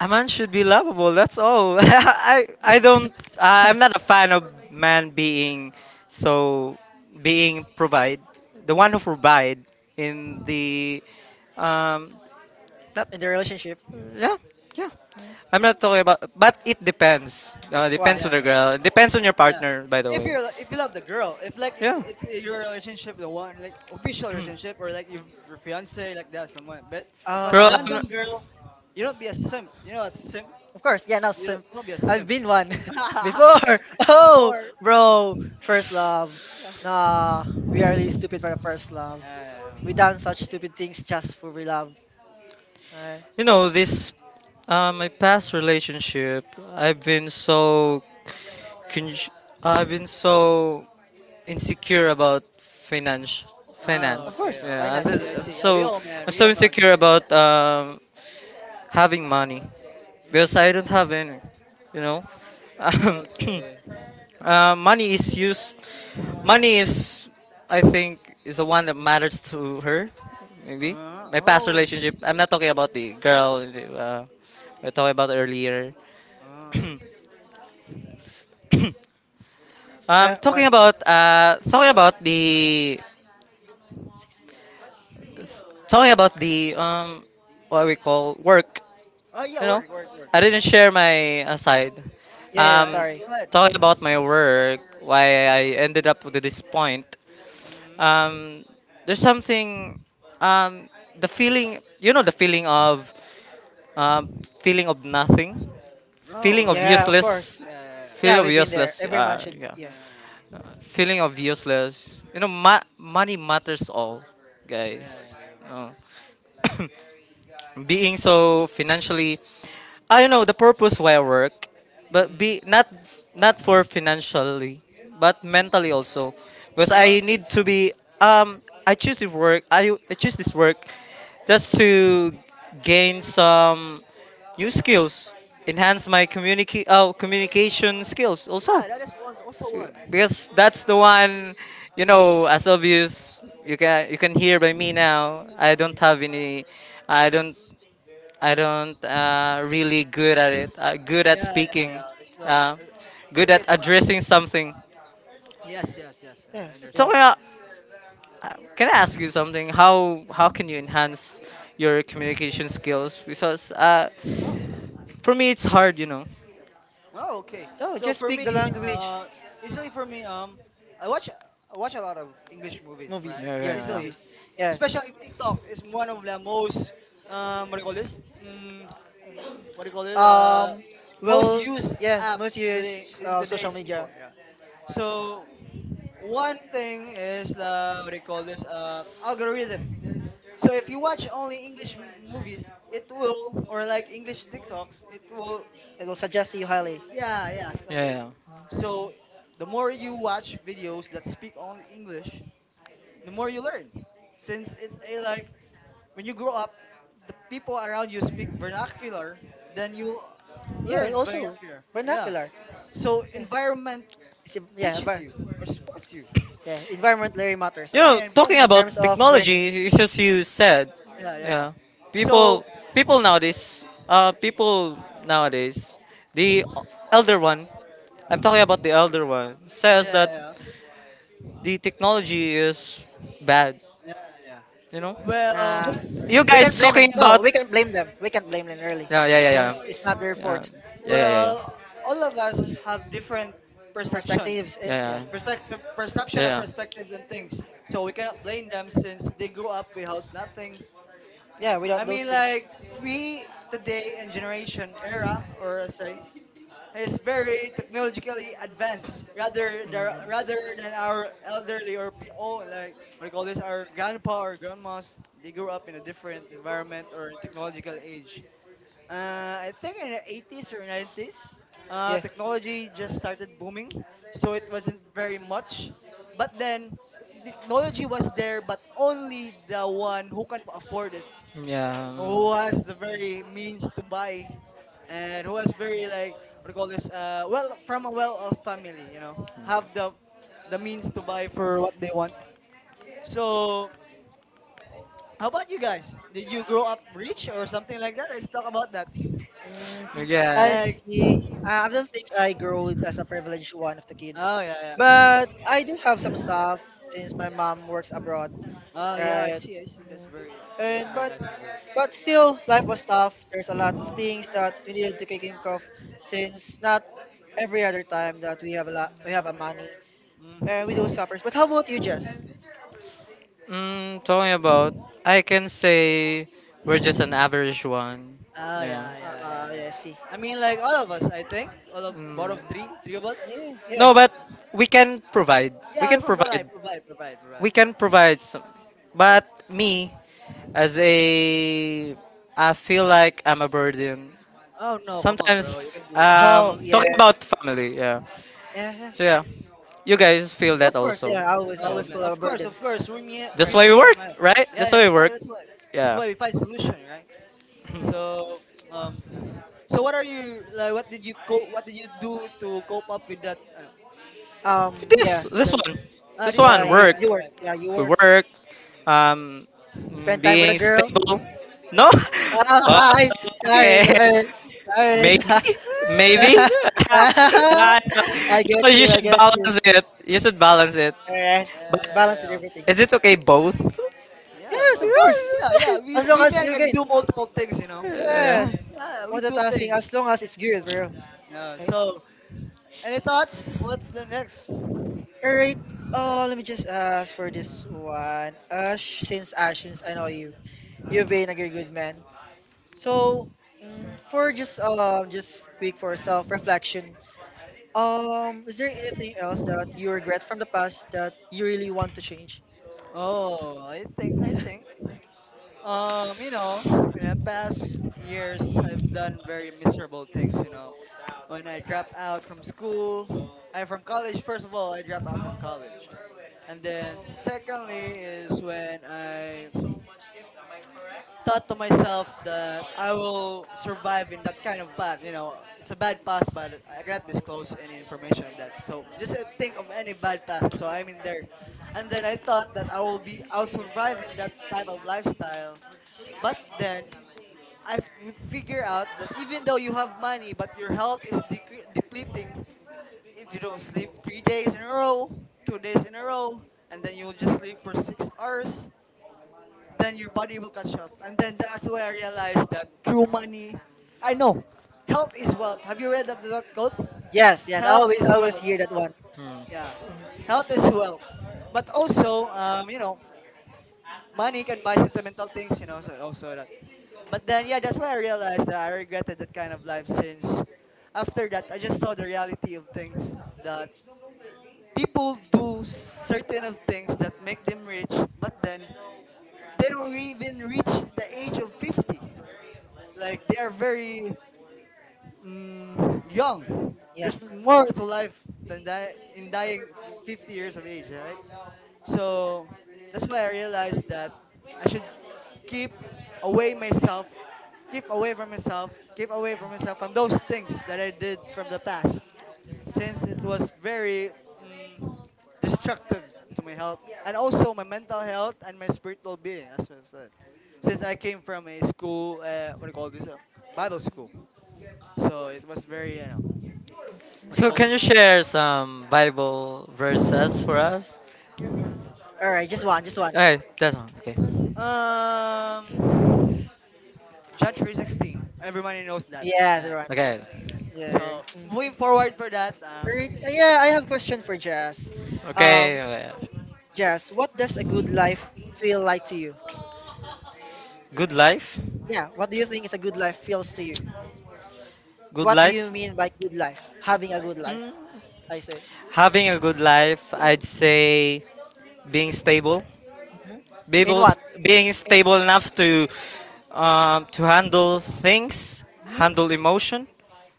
[SPEAKER 1] A man should be lovable. That's all. <laughs> I
[SPEAKER 2] <laughs> in
[SPEAKER 1] don't. I'm not a fan of man being so being provide the one who provide in the um that,
[SPEAKER 2] the relationship?
[SPEAKER 1] yeah, yeah.
[SPEAKER 2] Hmm?
[SPEAKER 1] I'm not talking about, but it depends. Depends
[SPEAKER 2] Why?
[SPEAKER 1] on
[SPEAKER 3] yeah.
[SPEAKER 1] the
[SPEAKER 3] Yeah.
[SPEAKER 1] girl. Depends on your
[SPEAKER 3] Yeah.
[SPEAKER 1] partner, by the
[SPEAKER 3] If
[SPEAKER 1] way.
[SPEAKER 3] you're li- if you love the girl, if like it's
[SPEAKER 1] Yeah.
[SPEAKER 3] it's your relationship, the one like official relationship
[SPEAKER 1] <clears throat>
[SPEAKER 3] or like your fiance like that someone. But if it's a
[SPEAKER 1] Pero, I'm
[SPEAKER 3] random
[SPEAKER 2] Uh,
[SPEAKER 1] not-
[SPEAKER 3] girl, you don't be a simp. You know a simp.
[SPEAKER 2] of course, yeah, no,
[SPEAKER 3] You don't
[SPEAKER 2] simp.
[SPEAKER 3] don't be a
[SPEAKER 2] I've
[SPEAKER 3] simp.
[SPEAKER 2] been one <laughs> before. <laughs>
[SPEAKER 3] <laughs>
[SPEAKER 2] Oh,
[SPEAKER 3] Before.
[SPEAKER 2] bro, first love. Nah, we are really stupid for the first love.
[SPEAKER 3] Yeah.
[SPEAKER 2] We done such stupid things just for we love. Alright.
[SPEAKER 1] You know, this my past relationship, I've been so con- I've been so insecure about finance
[SPEAKER 3] Oh,
[SPEAKER 2] Of
[SPEAKER 1] finance.
[SPEAKER 3] okay,
[SPEAKER 2] course,
[SPEAKER 1] Yeah,
[SPEAKER 3] okay. I
[SPEAKER 2] finance.
[SPEAKER 3] see, I
[SPEAKER 1] I'm
[SPEAKER 3] see. Yeah, we
[SPEAKER 1] so
[SPEAKER 3] all man, we all man go
[SPEAKER 1] insecure
[SPEAKER 3] through that.
[SPEAKER 1] about having money because I don't
[SPEAKER 3] hmm
[SPEAKER 1] have any, you know. <laughs> <clears throat>
[SPEAKER 3] Okay.
[SPEAKER 1] Money is used. Money is, I think, is the one that matters to her. Maybe
[SPEAKER 3] Uh,
[SPEAKER 1] my past
[SPEAKER 3] oh, I
[SPEAKER 1] relationship. I'm
[SPEAKER 3] see.
[SPEAKER 1] not talking about the girl. I talking about earlier.
[SPEAKER 3] Uh.
[SPEAKER 1] <coughs> <clears throat> um, talking
[SPEAKER 2] What?
[SPEAKER 1] about uh, talking about the talking about the what we call work.
[SPEAKER 3] Oh yeah,
[SPEAKER 1] You know,
[SPEAKER 3] work, work, work.
[SPEAKER 1] I didn't share my aside.
[SPEAKER 2] Yeah, yeah,
[SPEAKER 3] Yeah,
[SPEAKER 2] yeah,
[SPEAKER 3] yeah, yeah.
[SPEAKER 1] Um,
[SPEAKER 2] sorry.
[SPEAKER 3] Go ahead.
[SPEAKER 1] talking about my work, why I ended up with this point.
[SPEAKER 3] hmm
[SPEAKER 1] um there's something um the feeling you know the um feeling of nothing,
[SPEAKER 3] Oh,
[SPEAKER 1] feeling of
[SPEAKER 3] right. Right.
[SPEAKER 2] Yeah,
[SPEAKER 3] Right.
[SPEAKER 2] of course.
[SPEAKER 1] useless,
[SPEAKER 3] Yeah, yeah,
[SPEAKER 1] feeling
[SPEAKER 2] Yeah,
[SPEAKER 3] yeah.
[SPEAKER 1] of
[SPEAKER 2] we've been there.
[SPEAKER 1] useless
[SPEAKER 2] Every man
[SPEAKER 1] uh,
[SPEAKER 2] should.
[SPEAKER 1] yeah
[SPEAKER 2] Yeah,
[SPEAKER 3] Ah,
[SPEAKER 1] feeling of useless. You know, money matters all,
[SPEAKER 3] yeah,
[SPEAKER 2] of
[SPEAKER 3] yeah,
[SPEAKER 1] guys.
[SPEAKER 2] course.
[SPEAKER 3] yeah.
[SPEAKER 1] No. <coughs> being so financially, I don't know the purpose why I work, but
[SPEAKER 3] Mm,
[SPEAKER 1] be not not for financially, but mentally
[SPEAKER 3] mm.
[SPEAKER 1] also, because
[SPEAKER 3] Oh,
[SPEAKER 1] I
[SPEAKER 3] okay.
[SPEAKER 1] need to be um I choose this work just to gain some new skills, enhance my communication skills also.
[SPEAKER 3] Yeah, that is was also
[SPEAKER 1] So,
[SPEAKER 3] one.
[SPEAKER 1] because that's the one, you know, as obvious you can hear by me now. I don't have any I don't I don't really good at it. Good at
[SPEAKER 3] Yeah, yeah,
[SPEAKER 1] speaking.
[SPEAKER 3] yeah. Well,
[SPEAKER 1] Uh,
[SPEAKER 3] it's
[SPEAKER 1] good at
[SPEAKER 3] okay to practice.
[SPEAKER 1] addressing something.
[SPEAKER 3] Yes, yes, yes, yes. I
[SPEAKER 2] Yes,
[SPEAKER 1] So
[SPEAKER 3] understand.
[SPEAKER 2] yes.
[SPEAKER 1] can I ask you something? How can you enhance your communication skills? Because
[SPEAKER 2] Oh,
[SPEAKER 1] for me it's hard, you know.
[SPEAKER 3] Oh, okay.
[SPEAKER 2] no,
[SPEAKER 3] So
[SPEAKER 2] just
[SPEAKER 3] for
[SPEAKER 2] speak
[SPEAKER 3] me,
[SPEAKER 2] the language.
[SPEAKER 3] uh, easily for me, I watch a lot of English movies, right?
[SPEAKER 2] Movies.
[SPEAKER 1] Yeah,
[SPEAKER 2] Yes,
[SPEAKER 1] yeah,
[SPEAKER 3] Easily,
[SPEAKER 2] movies. Yes.
[SPEAKER 3] especially TikTok is one of the most, what do you call this? What do you call it? Uh,
[SPEAKER 2] Um.
[SPEAKER 3] most
[SPEAKER 2] Well,
[SPEAKER 3] used
[SPEAKER 2] yeah,
[SPEAKER 3] apps
[SPEAKER 2] most
[SPEAKER 3] today
[SPEAKER 2] use
[SPEAKER 3] in
[SPEAKER 2] social
[SPEAKER 3] today's people.
[SPEAKER 2] media.
[SPEAKER 3] Yeah. So one thing is, what do you call this? Algorithm. So if you watch only English movies, it will, or like English TikToks, it will.
[SPEAKER 2] It will suggest you highly.
[SPEAKER 3] Yeah, yeah,
[SPEAKER 1] yeah.
[SPEAKER 3] and this.
[SPEAKER 1] Yeah.
[SPEAKER 3] So the more you watch videos that speak only English, the more you learn. Since it's a like, when you grow up, the people
[SPEAKER 1] if
[SPEAKER 3] around you speak vernacular, then you
[SPEAKER 1] will
[SPEAKER 2] Yeah,
[SPEAKER 3] learn
[SPEAKER 2] also
[SPEAKER 3] vernacular. Yeah.
[SPEAKER 2] vernacular.
[SPEAKER 3] So
[SPEAKER 2] Yeah,
[SPEAKER 3] environment
[SPEAKER 2] yeah,
[SPEAKER 3] teaches you or supports you.
[SPEAKER 2] Yeah, environment really matters a
[SPEAKER 1] You
[SPEAKER 2] lot
[SPEAKER 1] know,
[SPEAKER 3] Yeah,
[SPEAKER 1] talking
[SPEAKER 3] environment
[SPEAKER 2] in terms
[SPEAKER 1] about
[SPEAKER 3] matters.
[SPEAKER 2] of learning.
[SPEAKER 1] technology, it's just you said, yeah.
[SPEAKER 3] Yeah, yeah,
[SPEAKER 1] Yeah.
[SPEAKER 3] yeah.
[SPEAKER 1] So People,
[SPEAKER 3] So,
[SPEAKER 1] people nowadays, the elder one, I'm talking about the elder one,
[SPEAKER 3] yeah,
[SPEAKER 1] says
[SPEAKER 3] yeah,
[SPEAKER 1] that
[SPEAKER 3] yeah,
[SPEAKER 1] the technology is bad.
[SPEAKER 3] yeah. Yeah.
[SPEAKER 1] You know,
[SPEAKER 3] Well,
[SPEAKER 2] Uh,
[SPEAKER 1] you
[SPEAKER 2] we
[SPEAKER 1] guys
[SPEAKER 2] can't blame him.
[SPEAKER 1] talking
[SPEAKER 2] No,
[SPEAKER 1] about,
[SPEAKER 2] we can't blame them. We can't blame them really,
[SPEAKER 1] yeah, yeah,
[SPEAKER 3] yeah,
[SPEAKER 1] yeah, yeah.
[SPEAKER 3] yeah.
[SPEAKER 2] since it's not their
[SPEAKER 1] Yeah,
[SPEAKER 2] fault.
[SPEAKER 1] yeah, yeah, yeah, yeah,
[SPEAKER 3] Well, all of us have different perception,
[SPEAKER 2] Perspectives, yeah,
[SPEAKER 1] yeah, yeah.
[SPEAKER 3] perspective, perception and
[SPEAKER 1] yeah.
[SPEAKER 3] perspectives on things. So we cannot blame them since they grew up without nothing.
[SPEAKER 2] yeah.
[SPEAKER 3] I
[SPEAKER 2] Without those
[SPEAKER 3] mean,
[SPEAKER 2] things,
[SPEAKER 3] like we today in generation era, or I say, is very technologically advanced rather than our elderly or what do you call this, our grandpa or grandmas. They grew up in a different environment or technological age. uh, I think in the 80s or 90s
[SPEAKER 2] yeah.
[SPEAKER 3] technology just started booming, so it wasn't very much. But then technology was there, but only the one who can afford it,
[SPEAKER 1] Mm.
[SPEAKER 3] who has the very means to buy, and who has very like what do you call this, well, from a well-off family, you know, have the means to buy for what they want. So how about you guys, did you grow up rich or something like that? Let's talk about that.
[SPEAKER 2] Mhm. I
[SPEAKER 1] Yeah.
[SPEAKER 3] Like,
[SPEAKER 1] mm. Yeah.
[SPEAKER 2] see. I don't think I grew as a privileged one of the kids,
[SPEAKER 3] oh yeah, yeah.
[SPEAKER 2] but I do have some stuff since my mom works abroad,
[SPEAKER 3] Oh yeah, I
[SPEAKER 2] right?
[SPEAKER 3] see, I see. That's
[SPEAKER 2] Mm.
[SPEAKER 3] very,
[SPEAKER 2] And
[SPEAKER 3] that's very nice of her.
[SPEAKER 2] but still, life was tough. There's a lot of things that we needed to think of since not every other time that we have a lot, we have a money and we do
[SPEAKER 3] Mm-hmm.
[SPEAKER 2] suffers. But how about you, Jess?
[SPEAKER 1] Mm, talking about, I can say we're just an average one.
[SPEAKER 3] Oh
[SPEAKER 1] Yeah.
[SPEAKER 3] yeah, yeah, yeah,
[SPEAKER 2] Uh,
[SPEAKER 3] yeah.
[SPEAKER 2] yeah, I see.
[SPEAKER 3] I mean, like, all of us, I think all of
[SPEAKER 1] Mm.
[SPEAKER 3] both of three of us.
[SPEAKER 2] Yeah, yeah.
[SPEAKER 1] No, but
[SPEAKER 3] Yes.
[SPEAKER 1] we can provide. We
[SPEAKER 3] Yeah, we
[SPEAKER 1] can
[SPEAKER 3] provide,
[SPEAKER 1] provide.
[SPEAKER 3] provide, provide, provide,
[SPEAKER 1] We can
[SPEAKER 3] provide.
[SPEAKER 1] provide some. But me, as a, I feel like I'm a burden.
[SPEAKER 3] Oh no, come on,
[SPEAKER 1] Sometimes,
[SPEAKER 3] bro. You can do that.
[SPEAKER 2] Oh,
[SPEAKER 1] talking
[SPEAKER 2] yeah,
[SPEAKER 1] about family. Yeah.
[SPEAKER 2] yeah, yeah.
[SPEAKER 1] So yeah, you guys feel that
[SPEAKER 2] Of course,
[SPEAKER 1] also.
[SPEAKER 2] yeah. I always, I
[SPEAKER 1] Yeah.
[SPEAKER 3] Oh
[SPEAKER 2] always feel
[SPEAKER 3] man,
[SPEAKER 2] a
[SPEAKER 3] of course,
[SPEAKER 2] burden.
[SPEAKER 3] of course. We
[SPEAKER 1] That's
[SPEAKER 2] There's,
[SPEAKER 1] why we
[SPEAKER 3] we are
[SPEAKER 1] work,
[SPEAKER 3] mad.
[SPEAKER 1] right?
[SPEAKER 3] Yeah,
[SPEAKER 1] That's
[SPEAKER 3] yeah.
[SPEAKER 1] why
[SPEAKER 3] That's
[SPEAKER 1] we
[SPEAKER 3] why.
[SPEAKER 1] work.
[SPEAKER 3] That's why. That's
[SPEAKER 1] Yeah.
[SPEAKER 3] why we find solution, right?
[SPEAKER 1] <clears throat>
[SPEAKER 3] So um, so what are you like? What did you do to cope up with that? I don't-
[SPEAKER 2] yeah,
[SPEAKER 1] this this
[SPEAKER 2] that,
[SPEAKER 1] one,
[SPEAKER 3] Ah,
[SPEAKER 1] this
[SPEAKER 3] this one.
[SPEAKER 2] yeah.
[SPEAKER 1] one
[SPEAKER 3] Yeah, yeah.
[SPEAKER 2] You,
[SPEAKER 1] work.
[SPEAKER 3] Right,
[SPEAKER 2] you
[SPEAKER 3] you're
[SPEAKER 2] work.
[SPEAKER 3] right.
[SPEAKER 2] Yeah, you
[SPEAKER 1] We
[SPEAKER 2] work.
[SPEAKER 1] work, um,
[SPEAKER 2] Spend time with a
[SPEAKER 1] being
[SPEAKER 2] girl. <laughs>
[SPEAKER 1] stable. No? <laughs>
[SPEAKER 2] Ah,
[SPEAKER 3] Yeah.
[SPEAKER 1] Oh,
[SPEAKER 3] Mm.
[SPEAKER 2] I,
[SPEAKER 3] <laughs>
[SPEAKER 2] sorry,
[SPEAKER 1] okay. <laughs>
[SPEAKER 2] sorry,
[SPEAKER 1] Maybe,
[SPEAKER 2] sorry.
[SPEAKER 1] maybe.
[SPEAKER 2] <laughs>
[SPEAKER 1] <laughs> Nah,
[SPEAKER 3] Yeah,
[SPEAKER 2] I
[SPEAKER 1] you know,
[SPEAKER 2] get you.
[SPEAKER 1] you
[SPEAKER 2] I
[SPEAKER 1] should
[SPEAKER 2] get you.
[SPEAKER 1] balance it. You should balance it.
[SPEAKER 2] Alright.
[SPEAKER 3] yeah,
[SPEAKER 1] But
[SPEAKER 3] yeah,
[SPEAKER 2] Balance and
[SPEAKER 3] yeah.
[SPEAKER 2] everything.
[SPEAKER 1] is it okay both? <laughs>
[SPEAKER 3] Yeah,
[SPEAKER 2] Yes, of
[SPEAKER 3] bro.
[SPEAKER 2] course.
[SPEAKER 3] Yeah, yeah. We
[SPEAKER 2] As long
[SPEAKER 3] we
[SPEAKER 2] as
[SPEAKER 3] men
[SPEAKER 2] you're
[SPEAKER 3] can
[SPEAKER 2] good.
[SPEAKER 3] do multiple things, you know.
[SPEAKER 1] Yeah.
[SPEAKER 2] Yes.
[SPEAKER 3] Yeah, we do
[SPEAKER 2] Multitasking
[SPEAKER 3] things.
[SPEAKER 2] as long as it's good, bro.
[SPEAKER 3] Yeah. So, any thoughts? What's the next?
[SPEAKER 2] Alright. Oh, let me just ask for this one. Ash, since I know you, you've been like, a very good man. So, for just quick for self reflection. Is there anything else that you regret from the past that you really want to change?
[SPEAKER 3] Oh, I think. You know, in the past years, I've done very miserable things. You know, when I dropped out from school, I from college. First of all, I dropped out from college, and then secondly is when I thought to myself that I will survive in that kind of path. You know, it's a bad path, but I cannot disclose any information of that. So just think of any bad path. So I'm in there, and then I thought that I will be, I'll survive in that type of lifestyle. But then I've figured out that even though you have money, but your health is depleting if you don't sleep 3 days in a row, 2 days in a row, and then you'll just sleep for 6 hours. Then your body will catch up, and then that's where I realized that true money. I know, health is wealth. Have you read of that quote?
[SPEAKER 2] Yes, yes. I
[SPEAKER 3] Health
[SPEAKER 2] always,
[SPEAKER 3] is
[SPEAKER 2] I always
[SPEAKER 3] wealth.
[SPEAKER 2] hear that one.
[SPEAKER 1] Hmm.
[SPEAKER 3] Yeah,
[SPEAKER 2] Mhm.
[SPEAKER 3] health is wealth. But also, you know, money can buy sentimental things. You know, so also, but then, yeah, that's why I realized that I regretted that kind of life, since after that, I just saw the reality of things, that people do certain of things that make them rich, but then they don't even reach the age of 50. Like, they are very young. There's
[SPEAKER 2] Yes.
[SPEAKER 3] more to life than die- in dying 50 years of age, right? So that's why I realized that I should keep away myself, keep away from myself, keep away from myself from those things that I did from the past, since it was very mm, destructive to my health, and also my mental health and my spiritual being as well. Said. Since I came from a school, what do you call this, Bible school, so it was very, you know, what
[SPEAKER 2] Mm,
[SPEAKER 3] do you
[SPEAKER 1] So
[SPEAKER 3] call
[SPEAKER 2] I
[SPEAKER 1] can
[SPEAKER 3] this?
[SPEAKER 1] you
[SPEAKER 2] see.
[SPEAKER 1] share some Bible verses for us?
[SPEAKER 2] All right, just one, just one.
[SPEAKER 1] Okay, that one. Okay.
[SPEAKER 3] Um, John 3:16. Everybody knows that,
[SPEAKER 2] Yes,
[SPEAKER 3] right?
[SPEAKER 2] everyone.
[SPEAKER 1] Okay.
[SPEAKER 3] Uh,
[SPEAKER 2] Yeah.
[SPEAKER 3] so
[SPEAKER 2] Mm.
[SPEAKER 3] moving forward for that.
[SPEAKER 2] Alright, yeah, I have a question for Jazz.
[SPEAKER 1] Okay.
[SPEAKER 2] Um,
[SPEAKER 1] okay.
[SPEAKER 2] Jess, what does a good life feel like to you?
[SPEAKER 1] Good life.
[SPEAKER 2] Yeah, what do you think is a good life feels to you?
[SPEAKER 1] Good
[SPEAKER 2] What do you
[SPEAKER 1] life.
[SPEAKER 2] mean by good life? Having a good life,
[SPEAKER 1] Hmm.
[SPEAKER 2] I say.
[SPEAKER 1] Having a good life, I'd say being stable.
[SPEAKER 2] hmm In
[SPEAKER 1] Being
[SPEAKER 2] what?
[SPEAKER 1] being
[SPEAKER 2] In,
[SPEAKER 1] stable enough to handle things,
[SPEAKER 2] Mhm,
[SPEAKER 1] handle emotion,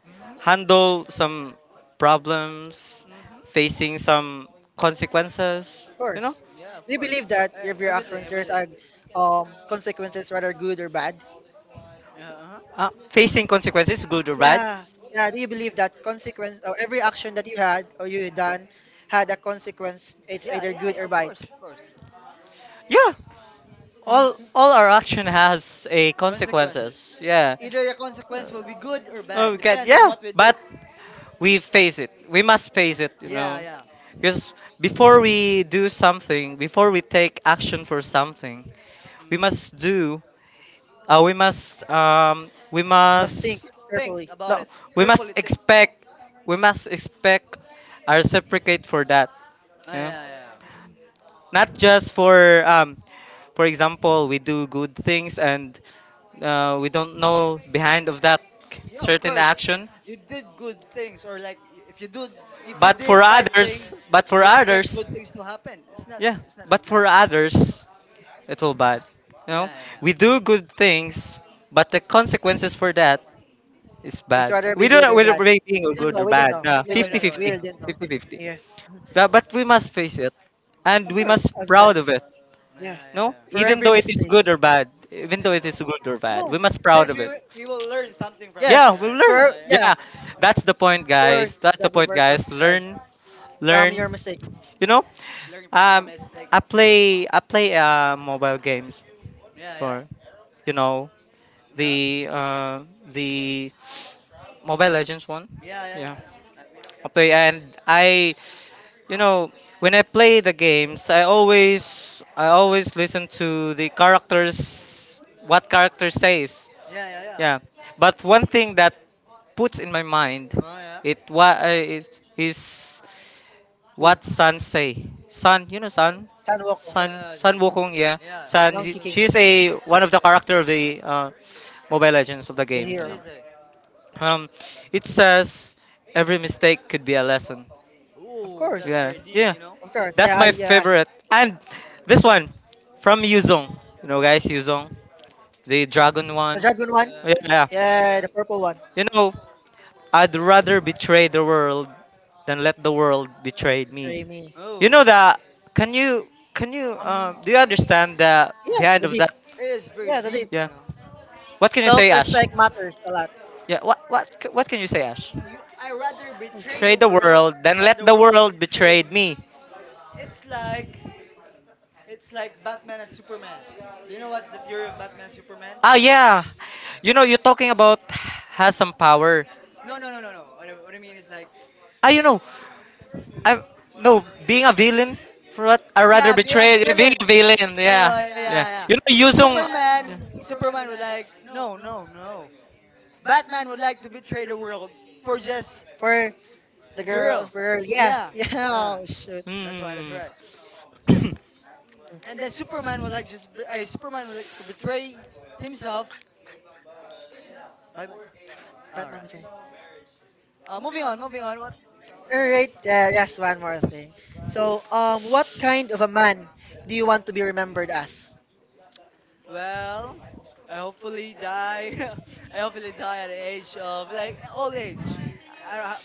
[SPEAKER 3] Mhm.
[SPEAKER 1] handle some problems,
[SPEAKER 3] Mhm.
[SPEAKER 1] facing some consequences.
[SPEAKER 2] Of
[SPEAKER 1] You know,
[SPEAKER 2] course.
[SPEAKER 3] Yeah, of
[SPEAKER 2] Do you
[SPEAKER 3] course.
[SPEAKER 2] believe that
[SPEAKER 3] E-
[SPEAKER 2] if your
[SPEAKER 3] everything,
[SPEAKER 2] actions there's
[SPEAKER 3] everything.
[SPEAKER 2] a consequences rather good or bad?
[SPEAKER 3] Yeah. Uh-huh.
[SPEAKER 1] facing consequences, good or bad.
[SPEAKER 2] Yeah. Yeah, do you believe that consequence of every action that you had or you done had a consequence? It's
[SPEAKER 3] Yeah,
[SPEAKER 2] either
[SPEAKER 3] yeah,
[SPEAKER 2] good
[SPEAKER 3] yeah.
[SPEAKER 2] or
[SPEAKER 3] Of
[SPEAKER 2] bad.
[SPEAKER 3] course, of course.
[SPEAKER 1] Yeah, all
[SPEAKER 2] hmm
[SPEAKER 1] all our action has a
[SPEAKER 3] Consequences.
[SPEAKER 1] consequences. Yeah.
[SPEAKER 3] Either the consequence will be good or
[SPEAKER 1] Oh,
[SPEAKER 3] bad.
[SPEAKER 1] we get,
[SPEAKER 3] Depends on
[SPEAKER 1] yeah,
[SPEAKER 3] what we did.
[SPEAKER 1] but we face it. We must face it,
[SPEAKER 3] Yeah, yeah.
[SPEAKER 1] because before we do something, before we take action for something, we must
[SPEAKER 3] Mhm.
[SPEAKER 1] do. We must we
[SPEAKER 2] You must think
[SPEAKER 1] must,
[SPEAKER 3] Think
[SPEAKER 2] carefully.
[SPEAKER 3] about
[SPEAKER 1] no,
[SPEAKER 3] it.
[SPEAKER 1] we
[SPEAKER 3] Carefully
[SPEAKER 1] must
[SPEAKER 3] think.
[SPEAKER 1] expect. We must expect a reciprocate for that.
[SPEAKER 3] Ah, yeah,
[SPEAKER 1] Yeah.
[SPEAKER 3] yeah, yeah.
[SPEAKER 1] Not just for example, we do good things, and we don't know behind of that
[SPEAKER 3] Yeah, of
[SPEAKER 1] certain
[SPEAKER 3] course.
[SPEAKER 1] action.
[SPEAKER 3] You did good things, or like if you do, if you
[SPEAKER 1] But
[SPEAKER 3] did
[SPEAKER 1] for
[SPEAKER 3] bad things,
[SPEAKER 1] others,
[SPEAKER 3] you expect good things to happen.
[SPEAKER 1] yeah,
[SPEAKER 3] It's not like
[SPEAKER 1] but
[SPEAKER 3] that.
[SPEAKER 1] for others it will bad, you know
[SPEAKER 3] Yeah, yeah,
[SPEAKER 1] we
[SPEAKER 3] yeah.
[SPEAKER 1] do good things, but the consequences for that is
[SPEAKER 2] It's
[SPEAKER 1] bad.
[SPEAKER 2] rather be
[SPEAKER 1] We don't
[SPEAKER 2] good
[SPEAKER 1] know
[SPEAKER 2] or
[SPEAKER 1] whether
[SPEAKER 2] bad.
[SPEAKER 1] we're being
[SPEAKER 2] We don't
[SPEAKER 1] good
[SPEAKER 2] know.
[SPEAKER 1] or
[SPEAKER 2] We don't
[SPEAKER 1] bad.
[SPEAKER 2] know.
[SPEAKER 1] No,
[SPEAKER 2] We
[SPEAKER 3] Yeah, we
[SPEAKER 2] don't
[SPEAKER 3] don't
[SPEAKER 2] know.
[SPEAKER 3] know, we
[SPEAKER 2] We
[SPEAKER 3] don't
[SPEAKER 2] really
[SPEAKER 1] 50-50.
[SPEAKER 2] don't
[SPEAKER 3] know.
[SPEAKER 2] know. Yeah,
[SPEAKER 1] But we must face it, and
[SPEAKER 2] of
[SPEAKER 1] we must
[SPEAKER 3] Hmm.
[SPEAKER 2] course, as a man.
[SPEAKER 1] proud of it.
[SPEAKER 3] Yeah,
[SPEAKER 2] Yeah,
[SPEAKER 3] yeah,
[SPEAKER 1] No,
[SPEAKER 3] yeah.
[SPEAKER 2] for
[SPEAKER 1] even
[SPEAKER 2] every
[SPEAKER 1] though it is
[SPEAKER 2] mistake.
[SPEAKER 1] good or bad, even though
[SPEAKER 3] Yeah.
[SPEAKER 1] it is good or bad,
[SPEAKER 2] No.
[SPEAKER 1] we must proud
[SPEAKER 3] Since
[SPEAKER 1] of it.
[SPEAKER 3] we will learn something from it,
[SPEAKER 2] Yes,
[SPEAKER 1] Yeah, we
[SPEAKER 3] right?
[SPEAKER 2] for
[SPEAKER 1] learn.
[SPEAKER 3] Yeah, yeah.
[SPEAKER 2] yeah,
[SPEAKER 1] Yeah, that's the point,
[SPEAKER 2] for
[SPEAKER 1] guys. That's the
[SPEAKER 2] that's a
[SPEAKER 1] point,
[SPEAKER 2] word of
[SPEAKER 1] guys.
[SPEAKER 2] try
[SPEAKER 1] Learn,
[SPEAKER 2] from
[SPEAKER 1] learn.
[SPEAKER 2] your mistake.
[SPEAKER 1] You know,
[SPEAKER 3] Learn from your
[SPEAKER 1] um,
[SPEAKER 3] mistake.
[SPEAKER 1] I play mobile games
[SPEAKER 3] Yeah, yeah,
[SPEAKER 1] for you know
[SPEAKER 3] yeah.
[SPEAKER 1] the the Mobile Legends one.
[SPEAKER 3] Yeah, yeah,
[SPEAKER 1] Yeah.
[SPEAKER 3] yeah. Yeah,
[SPEAKER 1] Okay, and I, you know, when I play the games, I always listen to the characters, what character says.
[SPEAKER 3] yeah, yeah. Yeah.
[SPEAKER 1] Yeah, but one thing that puts in my mind,
[SPEAKER 3] Oh yeah.
[SPEAKER 1] it what is is
[SPEAKER 2] Who?
[SPEAKER 1] what Sun say. Sun, you know Sun,
[SPEAKER 2] San Wokong,
[SPEAKER 3] Yeah,
[SPEAKER 1] Sun
[SPEAKER 3] James.
[SPEAKER 1] Wukong. Yeah,
[SPEAKER 3] Yeah. What
[SPEAKER 1] Sun.
[SPEAKER 3] did
[SPEAKER 2] Monkey King,
[SPEAKER 3] Mukon
[SPEAKER 1] She's
[SPEAKER 3] say?
[SPEAKER 1] a one of the character of the Mobile Legends of the
[SPEAKER 2] the
[SPEAKER 1] game. You
[SPEAKER 3] What
[SPEAKER 2] hero.
[SPEAKER 1] know,
[SPEAKER 3] did he say?
[SPEAKER 1] um, it says every mistake could be a lesson.
[SPEAKER 2] Of
[SPEAKER 3] Ooh, that's
[SPEAKER 2] course,
[SPEAKER 1] Yeah,
[SPEAKER 3] very deep,
[SPEAKER 1] yeah.
[SPEAKER 3] you know?
[SPEAKER 2] of course. Yeah,
[SPEAKER 1] That's
[SPEAKER 2] I,
[SPEAKER 1] my
[SPEAKER 2] yeah,
[SPEAKER 1] favorite. And this one from Yuzong. You know, guys, Yuzong, the
[SPEAKER 2] I- yeah.
[SPEAKER 1] dragon
[SPEAKER 2] The
[SPEAKER 1] one.
[SPEAKER 2] dragon one.
[SPEAKER 3] Yeah.
[SPEAKER 1] Yeah, yeah.
[SPEAKER 3] Yeah,
[SPEAKER 2] Yeah,
[SPEAKER 3] yeah.
[SPEAKER 2] the purple one.
[SPEAKER 1] You know, I'd rather betray the world than let the world betray me.
[SPEAKER 2] Betray me.
[SPEAKER 1] You
[SPEAKER 3] Oh.
[SPEAKER 1] know that? Can you can you
[SPEAKER 2] Um.
[SPEAKER 1] do you understand the
[SPEAKER 2] Yes,
[SPEAKER 1] behind
[SPEAKER 2] the
[SPEAKER 1] of
[SPEAKER 2] deep.
[SPEAKER 1] that?
[SPEAKER 3] It is very
[SPEAKER 2] Yeah, the deep.
[SPEAKER 3] deep,
[SPEAKER 1] Yeah.
[SPEAKER 3] you know.
[SPEAKER 1] What can you say, Ash?
[SPEAKER 2] Self-respect matters a lot
[SPEAKER 1] Yeah. What can you say, Ash?
[SPEAKER 3] You, I rather betray
[SPEAKER 1] Betray
[SPEAKER 3] the
[SPEAKER 1] the
[SPEAKER 3] world
[SPEAKER 1] world than
[SPEAKER 3] than
[SPEAKER 1] let
[SPEAKER 3] the
[SPEAKER 1] the
[SPEAKER 3] world
[SPEAKER 1] world betray
[SPEAKER 3] betray me.
[SPEAKER 1] me.
[SPEAKER 3] It's like, it's like Batman and Superman. Do you know what's the theory of Batman and Superman?
[SPEAKER 1] Ah, yeah. You know, you're talking about has some power.
[SPEAKER 3] No, no, no, no, no. What I mean is like,
[SPEAKER 1] Ah, you
[SPEAKER 3] so
[SPEAKER 1] know, I, no, being a villain. For what I rather
[SPEAKER 3] yeah, be a
[SPEAKER 1] betray, being villain,
[SPEAKER 3] villain.
[SPEAKER 1] a villain. Oh,
[SPEAKER 3] Oh
[SPEAKER 1] yeah,
[SPEAKER 3] yeah,
[SPEAKER 1] yeah.
[SPEAKER 3] yeah.
[SPEAKER 1] You know, using.
[SPEAKER 3] Superman would like, no, no, no. Batman would like to betray the world for just
[SPEAKER 2] for the
[SPEAKER 3] a
[SPEAKER 2] girl. For
[SPEAKER 3] girl.
[SPEAKER 2] girl. Yeah,
[SPEAKER 3] Yeah,
[SPEAKER 2] <laughs> yeah.
[SPEAKER 3] uh,
[SPEAKER 2] Oh shoot.
[SPEAKER 3] that's why. That's
[SPEAKER 1] Hmm.
[SPEAKER 3] right.
[SPEAKER 1] <coughs> Me,
[SPEAKER 3] And then Superman would like just Superman would like to betray himself by himself. All
[SPEAKER 2] But let
[SPEAKER 3] right.
[SPEAKER 2] me try.
[SPEAKER 3] Moving on, moving on. What was
[SPEAKER 2] All
[SPEAKER 3] that?
[SPEAKER 2] right. Yes, one more thing. So, what kind of a man do you want to be remembered as?
[SPEAKER 3] Well, I hopefully die. <laughs> I hopefully die at the age of like old age. I, I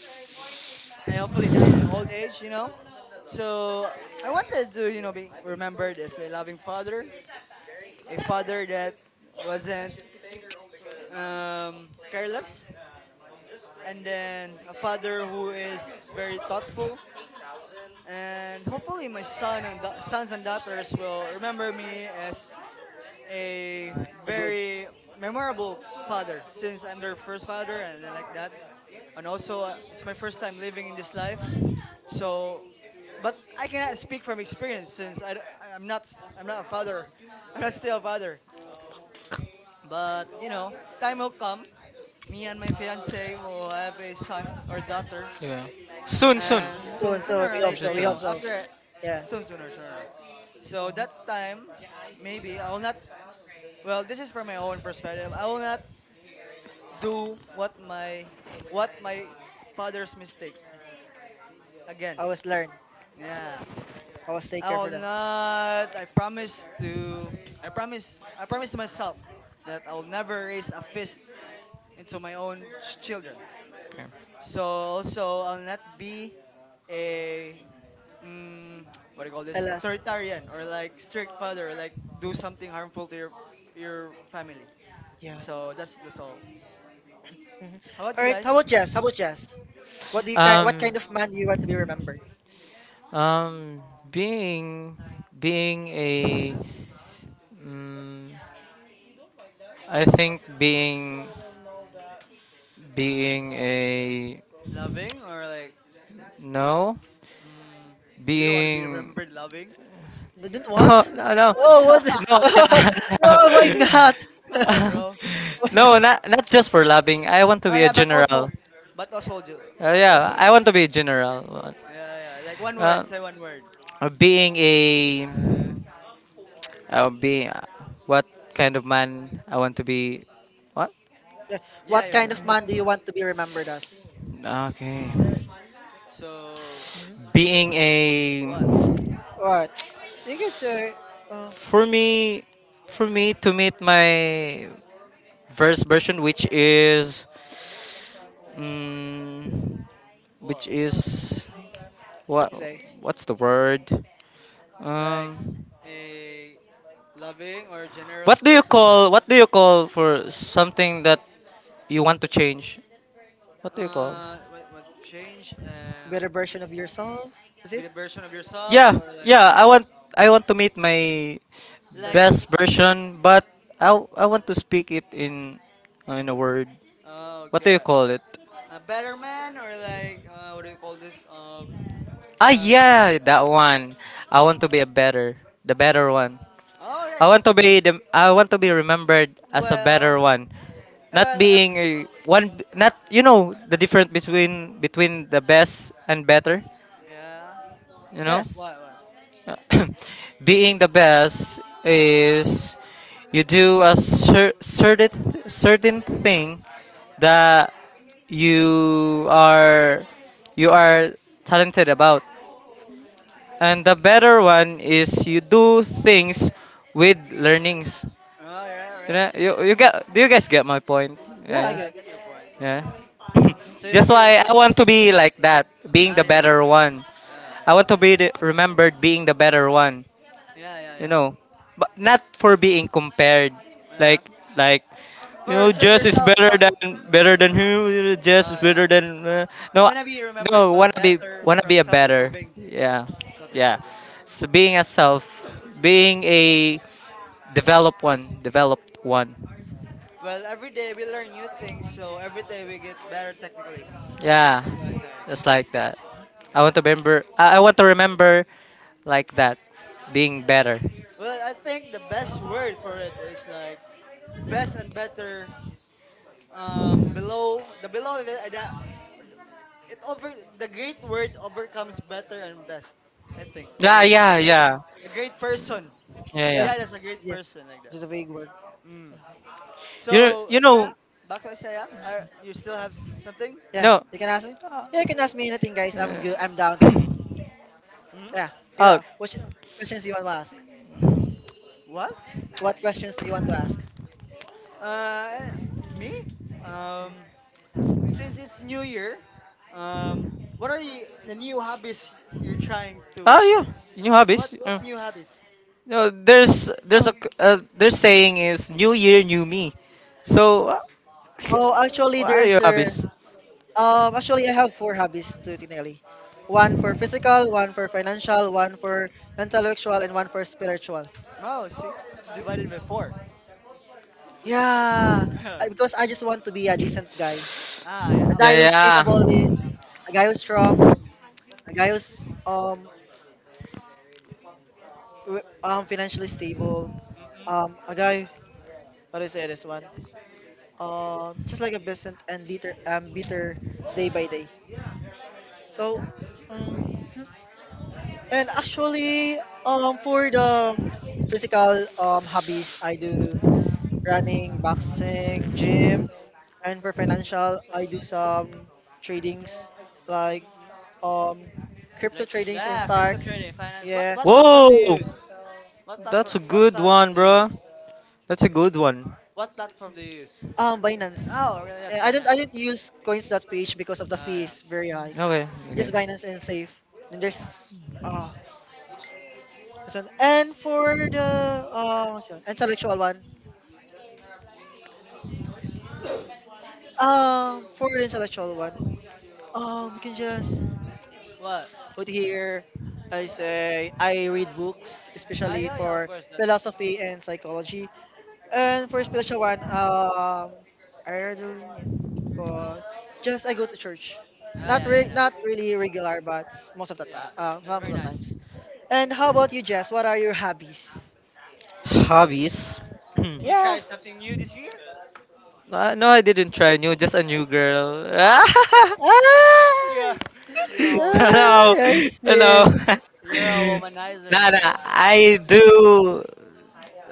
[SPEAKER 3] I hopefully die in old age, you know. So I wanted to, you know, be remembered as a loving father, a father that wasn't careless, and then a father who is very thoughtful, and hopefully my son and sons and daughters will remember me as a
[SPEAKER 2] A good.
[SPEAKER 3] very memorable father, since I'm their first father and then like that. And also, it's my first time living in this life, so. But I cannot speak from experience since I, am not I'm not a father, <laughs> I'm not still a father. But you know, time will come. Me and my fiance will have a son or daughter,
[SPEAKER 1] yeah. Like, soon, soon, soon, soon.
[SPEAKER 3] and soon,
[SPEAKER 2] Soon, soon.
[SPEAKER 3] sooner or
[SPEAKER 2] We
[SPEAKER 1] You're
[SPEAKER 2] hope
[SPEAKER 3] later,
[SPEAKER 2] so.
[SPEAKER 3] you
[SPEAKER 2] We
[SPEAKER 1] soon.
[SPEAKER 2] hope
[SPEAKER 3] know,
[SPEAKER 2] so.
[SPEAKER 3] after
[SPEAKER 2] Yeah.
[SPEAKER 3] soon, sooner, sooner. So that time, maybe I will not. Well, this is from my own perspective. I will not do what my what my father's mistake again.
[SPEAKER 2] Always learn.
[SPEAKER 3] Yeah,
[SPEAKER 2] Always take
[SPEAKER 3] I
[SPEAKER 2] care
[SPEAKER 3] will
[SPEAKER 2] for them.
[SPEAKER 3] not. I promise to. I promise. I promise to myself that I will never raise a fist into my own children.
[SPEAKER 1] Okay.
[SPEAKER 3] So also, I'll not be a mm, what do you call this,
[SPEAKER 2] Alas.
[SPEAKER 3] authoritarian or like strict father, or like do something harmful to your family.
[SPEAKER 2] Yeah.
[SPEAKER 3] So that's all.
[SPEAKER 2] Mhm.
[SPEAKER 3] How about
[SPEAKER 2] All
[SPEAKER 3] you
[SPEAKER 2] right. How
[SPEAKER 3] guys?
[SPEAKER 2] about Jess? How about Jess? What do you kind? What
[SPEAKER 1] Um,
[SPEAKER 2] kind of man do you want to be remembered?
[SPEAKER 1] um, being being a mm, I think being a,
[SPEAKER 3] Loving or like,
[SPEAKER 1] no,
[SPEAKER 3] mm, you don't want to be
[SPEAKER 1] being,
[SPEAKER 3] remembered loving?
[SPEAKER 2] Didn't
[SPEAKER 1] <laughs> no,
[SPEAKER 2] want?
[SPEAKER 1] no, no,
[SPEAKER 2] Oh, what?
[SPEAKER 1] no,
[SPEAKER 2] <laughs>
[SPEAKER 3] <laughs>
[SPEAKER 1] <laughs>
[SPEAKER 2] oh, why not? <laughs> why
[SPEAKER 3] Come on, bro.
[SPEAKER 1] no,
[SPEAKER 2] not?
[SPEAKER 1] not just for loving, I want to
[SPEAKER 3] Oh
[SPEAKER 1] be a
[SPEAKER 3] yeah, but also,
[SPEAKER 1] general.
[SPEAKER 3] but also, but also
[SPEAKER 1] Yeah, I want
[SPEAKER 3] loving.
[SPEAKER 1] to be a general.
[SPEAKER 3] Yeah, yeah. Like one
[SPEAKER 1] Uh,
[SPEAKER 3] word. Say one word.
[SPEAKER 1] Being a,
[SPEAKER 3] Uh,
[SPEAKER 1] being, what kind of man I want to be, what.
[SPEAKER 2] Yeah.
[SPEAKER 3] yeah,
[SPEAKER 2] What
[SPEAKER 3] yeah.
[SPEAKER 2] kind of man do you want to be remembered as?
[SPEAKER 1] Okay,
[SPEAKER 3] Um, so
[SPEAKER 2] hmm
[SPEAKER 1] being
[SPEAKER 3] what,
[SPEAKER 1] a,
[SPEAKER 2] What? You could say, uh,
[SPEAKER 1] for me for me to meet my verse version, which is mm, which
[SPEAKER 3] what?
[SPEAKER 1] is what,
[SPEAKER 2] you say,
[SPEAKER 1] what's the word,
[SPEAKER 3] Like
[SPEAKER 1] um
[SPEAKER 3] a loving or generous
[SPEAKER 1] what do you
[SPEAKER 3] person.
[SPEAKER 1] call, for something that you want to change, what do you call.
[SPEAKER 3] What change?
[SPEAKER 2] better version of yourself. Is
[SPEAKER 3] Be
[SPEAKER 2] it?
[SPEAKER 3] the version of yourself
[SPEAKER 1] Yeah,
[SPEAKER 3] or like,
[SPEAKER 1] yeah. I want, to meet my
[SPEAKER 2] Or,
[SPEAKER 3] like.
[SPEAKER 1] best version, but I want to speak it in a word.
[SPEAKER 3] Oh,
[SPEAKER 1] What do you
[SPEAKER 3] okay.
[SPEAKER 1] call it?
[SPEAKER 3] A better man or like what do you call this?
[SPEAKER 1] Ah,
[SPEAKER 3] Uh.
[SPEAKER 1] yeah, that one. I want to be a better, the better one.
[SPEAKER 3] All right.
[SPEAKER 1] I want to be remembered as a
[SPEAKER 3] Well.
[SPEAKER 1] better one. Not
[SPEAKER 3] Well.
[SPEAKER 1] being a one, not, you know the difference between the best and better,
[SPEAKER 3] Yeah.
[SPEAKER 1] you know?
[SPEAKER 2] yes.
[SPEAKER 3] What? What?
[SPEAKER 1] <clears throat> Being the best is you do a certain thing that you are you are talented about. And the better one is you do things with learnings.
[SPEAKER 3] All right. All
[SPEAKER 1] You
[SPEAKER 3] right. I
[SPEAKER 1] know, you,
[SPEAKER 3] see. I
[SPEAKER 1] you
[SPEAKER 3] see.
[SPEAKER 1] get do you guys get my point,
[SPEAKER 2] Yeah, I
[SPEAKER 3] Yeah. I
[SPEAKER 1] guys?
[SPEAKER 2] get.
[SPEAKER 3] get your point. Get your
[SPEAKER 1] Yeah.
[SPEAKER 3] point.
[SPEAKER 1] <laughs>
[SPEAKER 3] So
[SPEAKER 1] <clears throat>
[SPEAKER 3] you wanna
[SPEAKER 1] That's
[SPEAKER 3] be
[SPEAKER 1] why I
[SPEAKER 3] remembered.
[SPEAKER 1] want to be like that, being
[SPEAKER 3] Ah,
[SPEAKER 1] the
[SPEAKER 3] you
[SPEAKER 1] better
[SPEAKER 3] remember. Yeah.
[SPEAKER 1] one. I
[SPEAKER 3] Yeah.
[SPEAKER 1] want to be, the remembered being the better one,
[SPEAKER 3] Yeah.
[SPEAKER 1] you
[SPEAKER 3] Yeah.
[SPEAKER 1] know, but not for being compared,
[SPEAKER 3] Yeah.
[SPEAKER 1] like, like you
[SPEAKER 3] For
[SPEAKER 1] know, Jess is
[SPEAKER 3] yourself,
[SPEAKER 1] better
[SPEAKER 3] self.
[SPEAKER 1] than, who, you know, Jess
[SPEAKER 3] Ah,
[SPEAKER 1] is
[SPEAKER 3] yeah.
[SPEAKER 1] better than
[SPEAKER 3] You
[SPEAKER 1] no,
[SPEAKER 3] wanna be remembered,
[SPEAKER 1] no,
[SPEAKER 3] but better
[SPEAKER 1] wanna
[SPEAKER 3] from
[SPEAKER 1] be a better,
[SPEAKER 3] self-improving.
[SPEAKER 1] yeah, yeah,
[SPEAKER 3] Self-improving. Right. I
[SPEAKER 1] so being
[SPEAKER 3] understand.
[SPEAKER 1] a self,
[SPEAKER 3] Yeah.
[SPEAKER 1] being a developed one,
[SPEAKER 3] Well, every day we learn new things, so every day we get better technically.
[SPEAKER 1] yeah,
[SPEAKER 3] That's what I'm saying.
[SPEAKER 1] just like that. I
[SPEAKER 3] Yeah.
[SPEAKER 1] want to
[SPEAKER 3] So.
[SPEAKER 1] remember. I want to remember like that, being better.
[SPEAKER 3] Well, I think the best word for it is like best and better. Below the below of it, that it over, the great word overcomes better and best. I think
[SPEAKER 1] Yeah,
[SPEAKER 3] great,
[SPEAKER 1] yeah, yeah,
[SPEAKER 3] a great person.
[SPEAKER 1] yeah,
[SPEAKER 3] He
[SPEAKER 2] Yeah.
[SPEAKER 1] yeah.
[SPEAKER 3] died as a great
[SPEAKER 2] Yeah.
[SPEAKER 3] person like
[SPEAKER 2] It's
[SPEAKER 3] that.
[SPEAKER 2] just a vague word.
[SPEAKER 3] Mm.
[SPEAKER 2] Mhm.
[SPEAKER 1] You know,
[SPEAKER 3] So Isaiah, back to Isaiah. Are you still have something?
[SPEAKER 2] Yeah.
[SPEAKER 1] no.
[SPEAKER 2] You can ask me. Yeah, you can ask me anything, guys. I'm
[SPEAKER 1] Uh,
[SPEAKER 2] good. I'm down to it.
[SPEAKER 3] Hmm?
[SPEAKER 2] Yeah. Here you
[SPEAKER 1] <coughs> oh,
[SPEAKER 2] go. What questions do you want to ask?
[SPEAKER 3] What?
[SPEAKER 2] What questions do you want to ask?
[SPEAKER 3] Uh, Me? Um, since it's New Year, um, what are the new hobbies you're trying
[SPEAKER 1] oh,
[SPEAKER 3] to
[SPEAKER 1] yeah. New
[SPEAKER 3] What
[SPEAKER 1] hobbies.
[SPEAKER 3] what new hobbies?
[SPEAKER 1] No,
[SPEAKER 2] Oh.
[SPEAKER 1] their saying is New Year, New Me. So, <laughs>
[SPEAKER 2] Oh, actually,
[SPEAKER 1] what are
[SPEAKER 2] there's
[SPEAKER 1] your
[SPEAKER 2] a
[SPEAKER 1] hobbies?
[SPEAKER 2] Actually, I have four hobbies to Tinelli. One for physical, one for financial, one for intellectual, and one for spiritual.
[SPEAKER 3] Oh, six divided by 4.
[SPEAKER 2] Yeah, because I
[SPEAKER 3] <laughs>
[SPEAKER 2] just want to be a decent guy,
[SPEAKER 3] Ah,
[SPEAKER 2] a
[SPEAKER 3] yeah, of
[SPEAKER 2] guy who's
[SPEAKER 3] course.
[SPEAKER 1] Yeah,
[SPEAKER 2] capable, is
[SPEAKER 1] yeah.
[SPEAKER 2] a guy who's strong, a guy who's financially stable,
[SPEAKER 3] Mm-mm.
[SPEAKER 2] a guy, how do I say this one? Just like a peasant and bitter bitter day by day. So, um, <laughs> And actually, for the physical hobbies, I do running, boxing, gym, and for financial, I do some tradings, like
[SPEAKER 3] Mm-mm.
[SPEAKER 2] um crypto
[SPEAKER 3] Like
[SPEAKER 2] tradings in
[SPEAKER 3] yeah, crypto
[SPEAKER 2] stocks.
[SPEAKER 3] trading, finance. What
[SPEAKER 2] Yeah,
[SPEAKER 3] what platform do you
[SPEAKER 1] Whoa,
[SPEAKER 3] use? What
[SPEAKER 1] that's a
[SPEAKER 3] platform? What
[SPEAKER 1] good one,
[SPEAKER 3] platform do you
[SPEAKER 1] bro.
[SPEAKER 3] use?
[SPEAKER 1] That's a good one.
[SPEAKER 3] What platform do you use?
[SPEAKER 2] Binance.
[SPEAKER 3] Oh, really? That's
[SPEAKER 2] Yeah, I
[SPEAKER 3] very
[SPEAKER 2] don't I
[SPEAKER 3] nice.
[SPEAKER 2] don't use coins.ph because of the
[SPEAKER 3] Oh
[SPEAKER 2] fee
[SPEAKER 3] yeah.
[SPEAKER 2] is very high.
[SPEAKER 1] Okay, okay.
[SPEAKER 2] Just Binance and Safe. And there's uh this one. And for the what's the one? Intellectual one. For the intellectual one. We can just
[SPEAKER 3] What?
[SPEAKER 2] put here. I say I read books,
[SPEAKER 3] Ah
[SPEAKER 2] especially
[SPEAKER 3] yeah yeah of
[SPEAKER 2] for
[SPEAKER 3] course. That,
[SPEAKER 2] philosophy and psychology. And for
[SPEAKER 3] mm.
[SPEAKER 2] spiritual one, I read the linya, but just I go to church.
[SPEAKER 3] Ah yeah yeah
[SPEAKER 2] Not
[SPEAKER 3] nice.
[SPEAKER 2] really regular, but most of the time,
[SPEAKER 3] Yeah, that's
[SPEAKER 2] some of
[SPEAKER 3] very
[SPEAKER 2] the
[SPEAKER 3] nice.
[SPEAKER 2] times. And how about you, Jess? What are your hobbies?
[SPEAKER 1] Hobbies.
[SPEAKER 3] Did you
[SPEAKER 1] <clears throat>
[SPEAKER 2] Yeah.
[SPEAKER 3] try something new this year?
[SPEAKER 1] No, I didn't try new. Just a new girl. <laughs>
[SPEAKER 3] Ah.
[SPEAKER 1] No,
[SPEAKER 3] <laughs> Yeah,
[SPEAKER 2] Ah!
[SPEAKER 3] you're a
[SPEAKER 2] Ah,
[SPEAKER 1] no.
[SPEAKER 3] womanizer,
[SPEAKER 2] I
[SPEAKER 3] bro.
[SPEAKER 1] <laughs>
[SPEAKER 2] see.
[SPEAKER 1] Nah,
[SPEAKER 3] You're a womanizer.
[SPEAKER 1] nah. I do.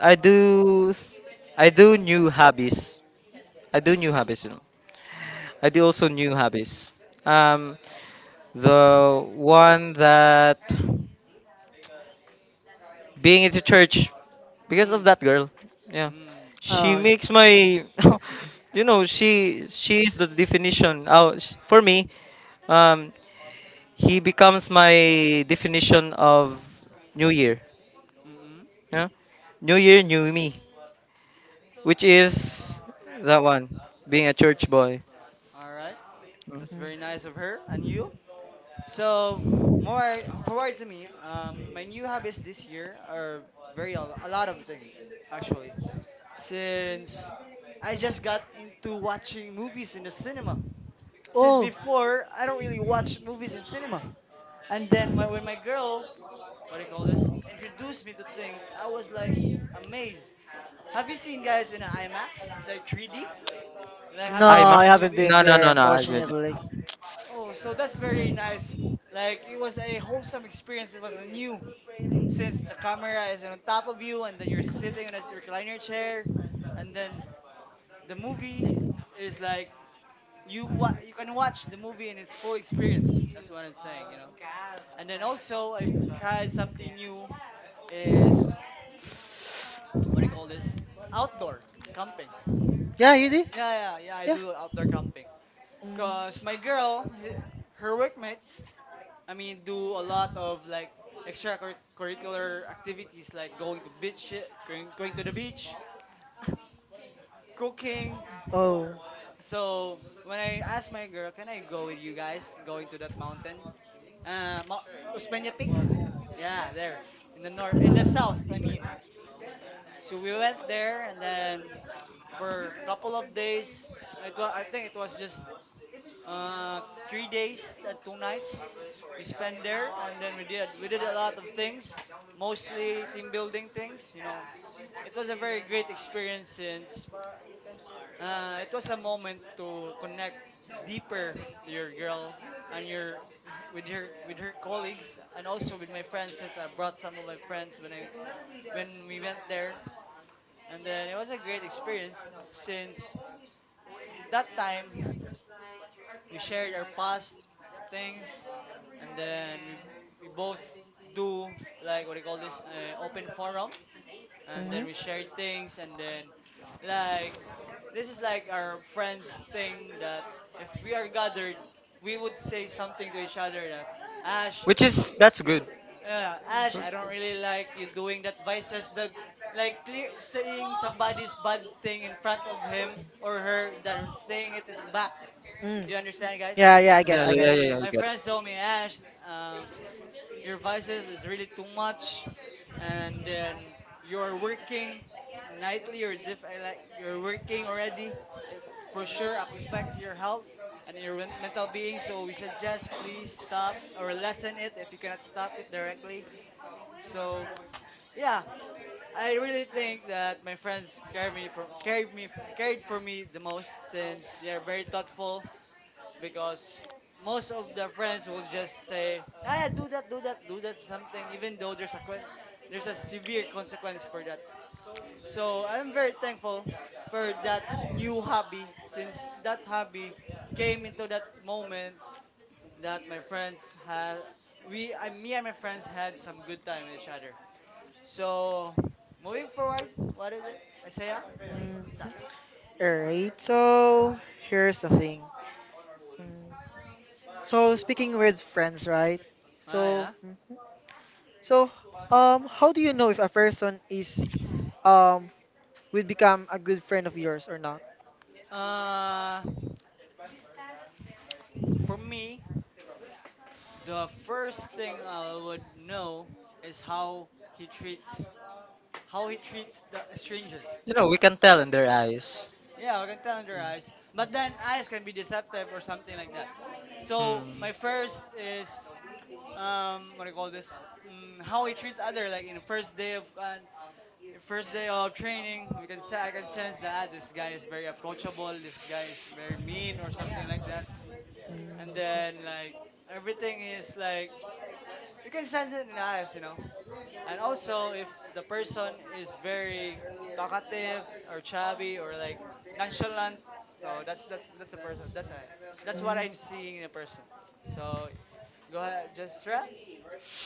[SPEAKER 1] I do. I do new hobbies. I do new
[SPEAKER 3] Mm,
[SPEAKER 1] habits, you know. I do also new habits. Um, the one that being into church because of
[SPEAKER 3] mm,
[SPEAKER 1] that girl.
[SPEAKER 3] mm,
[SPEAKER 1] Yeah,
[SPEAKER 3] mm,
[SPEAKER 1] she
[SPEAKER 2] Oh, yeah.
[SPEAKER 1] makes my, <laughs> you know, she is the definition. Oh, for me, um, he becomes my definition of New Year.
[SPEAKER 3] mm.
[SPEAKER 1] Yeah, New Year, new me, which is that one, being a church boy.
[SPEAKER 3] All right,
[SPEAKER 1] Mm.
[SPEAKER 3] that's
[SPEAKER 2] Mm.
[SPEAKER 3] very nice of her. And you? So more forward to me. My new hobbies this year are very a lot of things actually. Since I just got into watching movies in the cinema. Since
[SPEAKER 2] Oh.
[SPEAKER 3] before, I don't really watch movies in cinema. And then my, when my girl, what do you call this, introduced me to things, I was like amazed. Have you seen guys in a IMAX, like 3D? Like,
[SPEAKER 2] No,
[SPEAKER 3] have you seen a
[SPEAKER 2] I
[SPEAKER 1] IMAX?
[SPEAKER 2] haven't
[SPEAKER 3] movie?
[SPEAKER 2] been
[SPEAKER 1] No, no,
[SPEAKER 2] there,
[SPEAKER 1] no, no. I didn't.
[SPEAKER 2] unfortunately.
[SPEAKER 3] Oh, so that's very nice. Like it was a wholesome experience. It was a new, since the camera is on top of you, and then you're sitting on a recliner chair, and then the movie is like you can watch the movie in its full experience. That's what I'm saying, you know. And then also I've tried something new. Is what do you call this? Outdoor camping.
[SPEAKER 2] Yeah, you did.
[SPEAKER 3] Yeah, yeah, yeah. I
[SPEAKER 2] Yeah.
[SPEAKER 3] do outdoor camping.
[SPEAKER 2] Mm.
[SPEAKER 3] Cause my girl, her workmates, I mean, do a lot of like extracurricular activities like going to beach, going to the beach, <laughs> cooking.
[SPEAKER 2] Oh.
[SPEAKER 3] So when I asked my girl, can I go with you guys going to that mountain? Uh, Ma- Osmeña Peak? Yeah, there in the north, in the south, I mean. So we went there and then for a couple of days, it was I think it was just uh, 3 days and two nights. We spent there, and then we did a lot of things, mostly team building things. It was a very great experience since it was a moment to connect deeper to your girl and your with her colleagues, and also with my friends, since I brought some of my friends when we went there. And then it was a great experience, since that time we shared our past things, and then we both do, like, what do you call this, open forum, and then
[SPEAKER 2] Mm-hmm.
[SPEAKER 3] we shared things. And then, like, this is like our friends' thing that if we are gathered, we would say something to each other, that ash
[SPEAKER 1] Is that's good.
[SPEAKER 3] ash, I don't really like you doing that vices, that like clear saying somebody's bad thing in front of him or her than saying it in back. Do
[SPEAKER 2] Mm.
[SPEAKER 3] you understand, guys?
[SPEAKER 2] Yeah, yeah, I get,
[SPEAKER 1] Yeah,
[SPEAKER 3] Yeah.
[SPEAKER 2] I get.
[SPEAKER 1] yeah, yeah, yeah, I
[SPEAKER 3] My
[SPEAKER 1] get.
[SPEAKER 3] friends told me, Ash, um, your vices is really too much, and then you're working nightly or diff I like you're working already. It for sure affect your health and your mental being. So we suggest please stop or lessen it if you cannot stop it directly. So yeah, I really think that my friends carried me for carried me carried for me the most, since they are very thoughtful, because most of their friends will just say, "Ah, yeah, do that, do that, do that," something, even though there's a severe consequence for that. So I'm very thankful for that new hobby, since that hobby came into that moment that my friends had, me and my friends had some good time with each other. So moving forward, what is it? Isaiah, it's a
[SPEAKER 2] Mm.
[SPEAKER 3] new topic.
[SPEAKER 2] Alright, so here's the thing. Mm. So speaking with friends, right?
[SPEAKER 3] Ah, yeah.
[SPEAKER 2] So, mhm. so how do you know if a person is um would become a good friend of yours or not?
[SPEAKER 3] Uh, for me, the first thing I would know is he treats how he treats the a stranger.
[SPEAKER 1] You know, we can tell in their eyes.
[SPEAKER 3] Yeah, we can tell in their eyes. But then eyes can be deceptive or something like that. So my first is what do you call this? How he treats other, like in the first day of training, we can say, I can sense that this guy is very approachable, this guy is very mean or something like that. And then, like, everything is like, you can sense it in the eyes. And also, if the person is very talkative or chubby or like nonchalant, so that's a person. That's
[SPEAKER 2] Mm-hmm.
[SPEAKER 3] what I'm seeing in a
[SPEAKER 2] Mm-hmm.
[SPEAKER 3] person. So, go ahead, just try.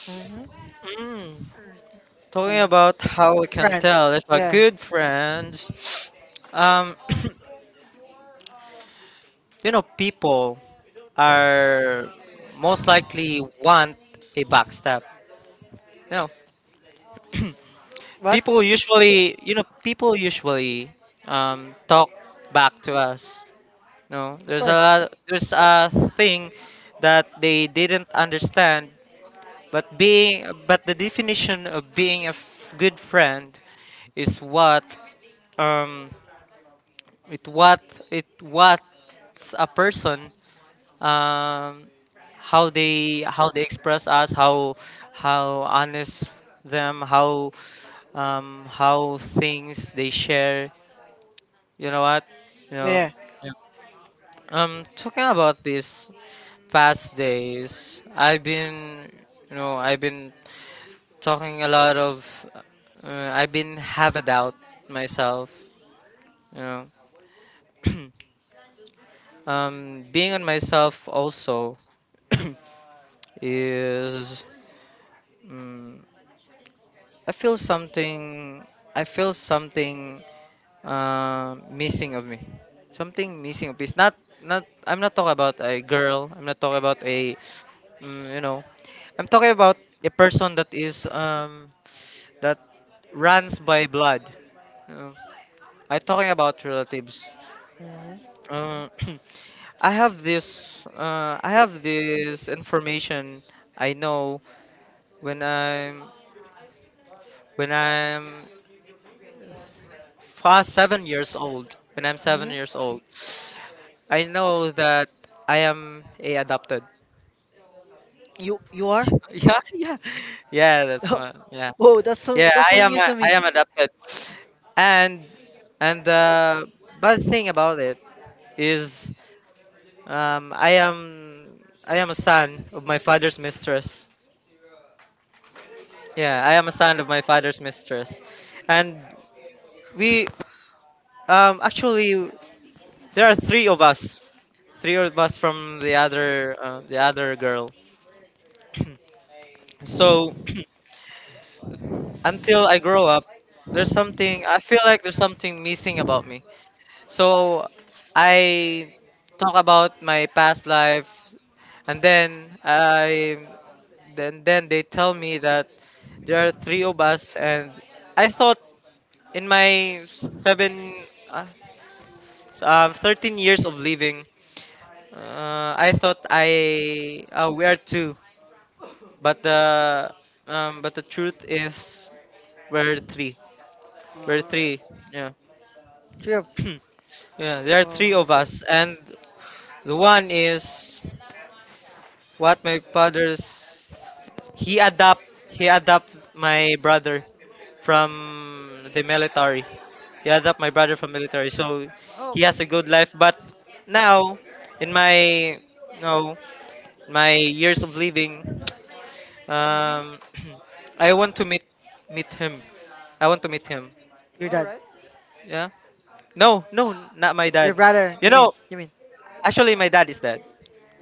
[SPEAKER 2] Mm-hmm.
[SPEAKER 1] Hmm. Mm. Talking
[SPEAKER 2] See.
[SPEAKER 1] about how we can
[SPEAKER 2] France.
[SPEAKER 1] tell if a
[SPEAKER 2] Yeah.
[SPEAKER 1] good friends, um, <coughs> <clears throat> you know, people are most likely want a backstab. You know, <coughs> <clears throat>
[SPEAKER 2] What?
[SPEAKER 1] people usually talk back to us. No,
[SPEAKER 2] Of
[SPEAKER 1] there's a
[SPEAKER 2] course.
[SPEAKER 1] lot, there's a thing that they didn't understand, but being, but the definition of being a good friend is what, um, it what, it what's a person, um how they express us, how, honest them, how, how things they share, you know what, you know,
[SPEAKER 2] Yeah.
[SPEAKER 1] talking about these past days, I've been talking a lot of, I've been having doubt myself, you know. <clears throat> Being on myself also, <clears throat> is mm, I feel something I feel something missing of me. Something missing of me. It's not, not, I'm not talking about a girl. I'm not talking about a you know. I'm talking about a person that is, that runs by blood. Uh, I'm talking about relatives.
[SPEAKER 2] Mm-hmm.
[SPEAKER 1] Uh, <clears throat> I have this, I have this information. I know when I'm, when I'm past 7 years old. When I'm 7 years
[SPEAKER 2] Mm-hmm.
[SPEAKER 1] old, I know that I am a adopted.
[SPEAKER 2] You are?
[SPEAKER 1] <laughs> Yeah, yeah, yeah. That's my,
[SPEAKER 2] <laughs>
[SPEAKER 1] yeah,
[SPEAKER 2] Whoa,
[SPEAKER 1] yeah.
[SPEAKER 2] that's
[SPEAKER 1] I
[SPEAKER 2] some
[SPEAKER 1] am
[SPEAKER 2] news
[SPEAKER 1] a,
[SPEAKER 2] to
[SPEAKER 1] I
[SPEAKER 2] me.
[SPEAKER 1] am adopted, and the bad thing about it is, um, I am I am a son of my father's mistress. Yeah, I am a son of my father's mistress. And we, actually, there are three of us, from the other, the other girl. <clears throat> So, <clears throat> until I grow up, there's something, I feel like there's something missing about me. So I talk about my past life, and then I then they tell me that there are three of us, and I thought in my seven, uh, 13 years of living, I thought I we are two. But the but the truth is, we're three.
[SPEAKER 3] Oh,
[SPEAKER 1] We're
[SPEAKER 3] all right.
[SPEAKER 1] three. Yeah,
[SPEAKER 2] Trip.
[SPEAKER 1] <clears throat> yeah. There are three of
[SPEAKER 2] Oh,
[SPEAKER 1] us, and the one is what my father's. He adopt he adopt my brother from the military. He adopt my brother from military, so
[SPEAKER 3] Oh,
[SPEAKER 1] he has
[SPEAKER 3] okay,
[SPEAKER 1] a good
[SPEAKER 3] that's nice.
[SPEAKER 1] life. But now, in my, no, my years of living,
[SPEAKER 3] Mhm.
[SPEAKER 1] Um, <clears throat> I want to meet him. I want to meet him.
[SPEAKER 2] your
[SPEAKER 3] All
[SPEAKER 2] dad,
[SPEAKER 3] right.
[SPEAKER 1] Yeah. No, no, not my
[SPEAKER 2] your
[SPEAKER 1] dad.
[SPEAKER 2] brother.
[SPEAKER 1] You
[SPEAKER 2] You mean?
[SPEAKER 1] know,
[SPEAKER 2] You mean?
[SPEAKER 1] actually, my dad is dead.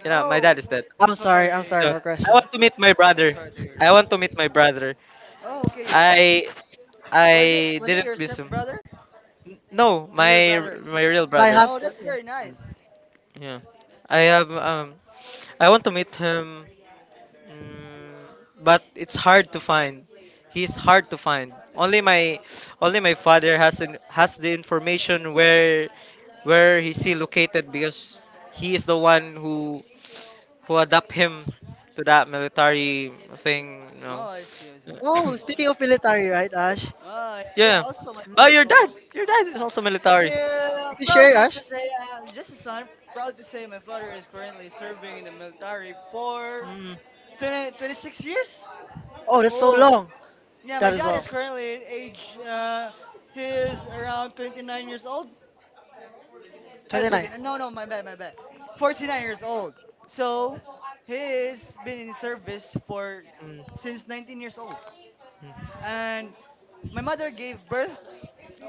[SPEAKER 1] You know, my dad
[SPEAKER 3] Oh,
[SPEAKER 1] is dead.
[SPEAKER 3] I'm
[SPEAKER 2] I'm
[SPEAKER 3] so
[SPEAKER 2] sorry.
[SPEAKER 3] sorry
[SPEAKER 2] I'm
[SPEAKER 3] to
[SPEAKER 2] sorry
[SPEAKER 3] hear
[SPEAKER 1] So
[SPEAKER 2] for
[SPEAKER 3] that.
[SPEAKER 1] I
[SPEAKER 2] question.
[SPEAKER 1] want to meet my
[SPEAKER 3] We're
[SPEAKER 1] brother.
[SPEAKER 3] sorry to hear
[SPEAKER 1] I
[SPEAKER 3] that.
[SPEAKER 1] want to meet my brother.
[SPEAKER 3] Oh, okay. Your
[SPEAKER 1] I I
[SPEAKER 3] was it
[SPEAKER 1] didn't
[SPEAKER 3] your
[SPEAKER 1] miss
[SPEAKER 3] step
[SPEAKER 1] him.
[SPEAKER 3] brother?
[SPEAKER 1] No,
[SPEAKER 3] Your real brother.
[SPEAKER 1] my real
[SPEAKER 2] My
[SPEAKER 1] brother.
[SPEAKER 2] half.
[SPEAKER 3] Oh, that's
[SPEAKER 2] Yeah.
[SPEAKER 3] very nice.
[SPEAKER 1] Yeah. I have, I want to meet him. Mm, but it's hard to find. He's hard to find. Only my father has an, has the information where he's still located, because he is the one who adapt him to that military thing, you
[SPEAKER 3] Oh,
[SPEAKER 1] know.
[SPEAKER 3] I see. I see.
[SPEAKER 2] Oh, speaking of military, right, Ash?
[SPEAKER 3] Oh, yeah.
[SPEAKER 1] <coughs>
[SPEAKER 3] Yeah,
[SPEAKER 1] Yeah.
[SPEAKER 3] also, my
[SPEAKER 1] Oh,
[SPEAKER 2] Mhm.
[SPEAKER 3] brother's
[SPEAKER 1] your dad.
[SPEAKER 3] older.
[SPEAKER 1] Your dad is
[SPEAKER 3] Yeah.
[SPEAKER 1] also military.
[SPEAKER 3] Yeah,
[SPEAKER 2] You can share,
[SPEAKER 3] proudly to
[SPEAKER 2] Ash.
[SPEAKER 3] say, just as I'm proud to say my father is currently serving in the military for
[SPEAKER 1] Mm.
[SPEAKER 3] 20, 26 years.
[SPEAKER 2] Oh, that's so
[SPEAKER 3] Oh,
[SPEAKER 2] long.
[SPEAKER 3] yeah, my
[SPEAKER 2] That is
[SPEAKER 3] dad is
[SPEAKER 2] all.
[SPEAKER 3] currently he's around 29 years old.
[SPEAKER 2] 29.
[SPEAKER 3] 29, no, no, my bad, my bad. 49 years old. So, he's been in service for
[SPEAKER 1] Mm.
[SPEAKER 3] since 19 years old.
[SPEAKER 1] Mm.
[SPEAKER 3] And my mother gave birth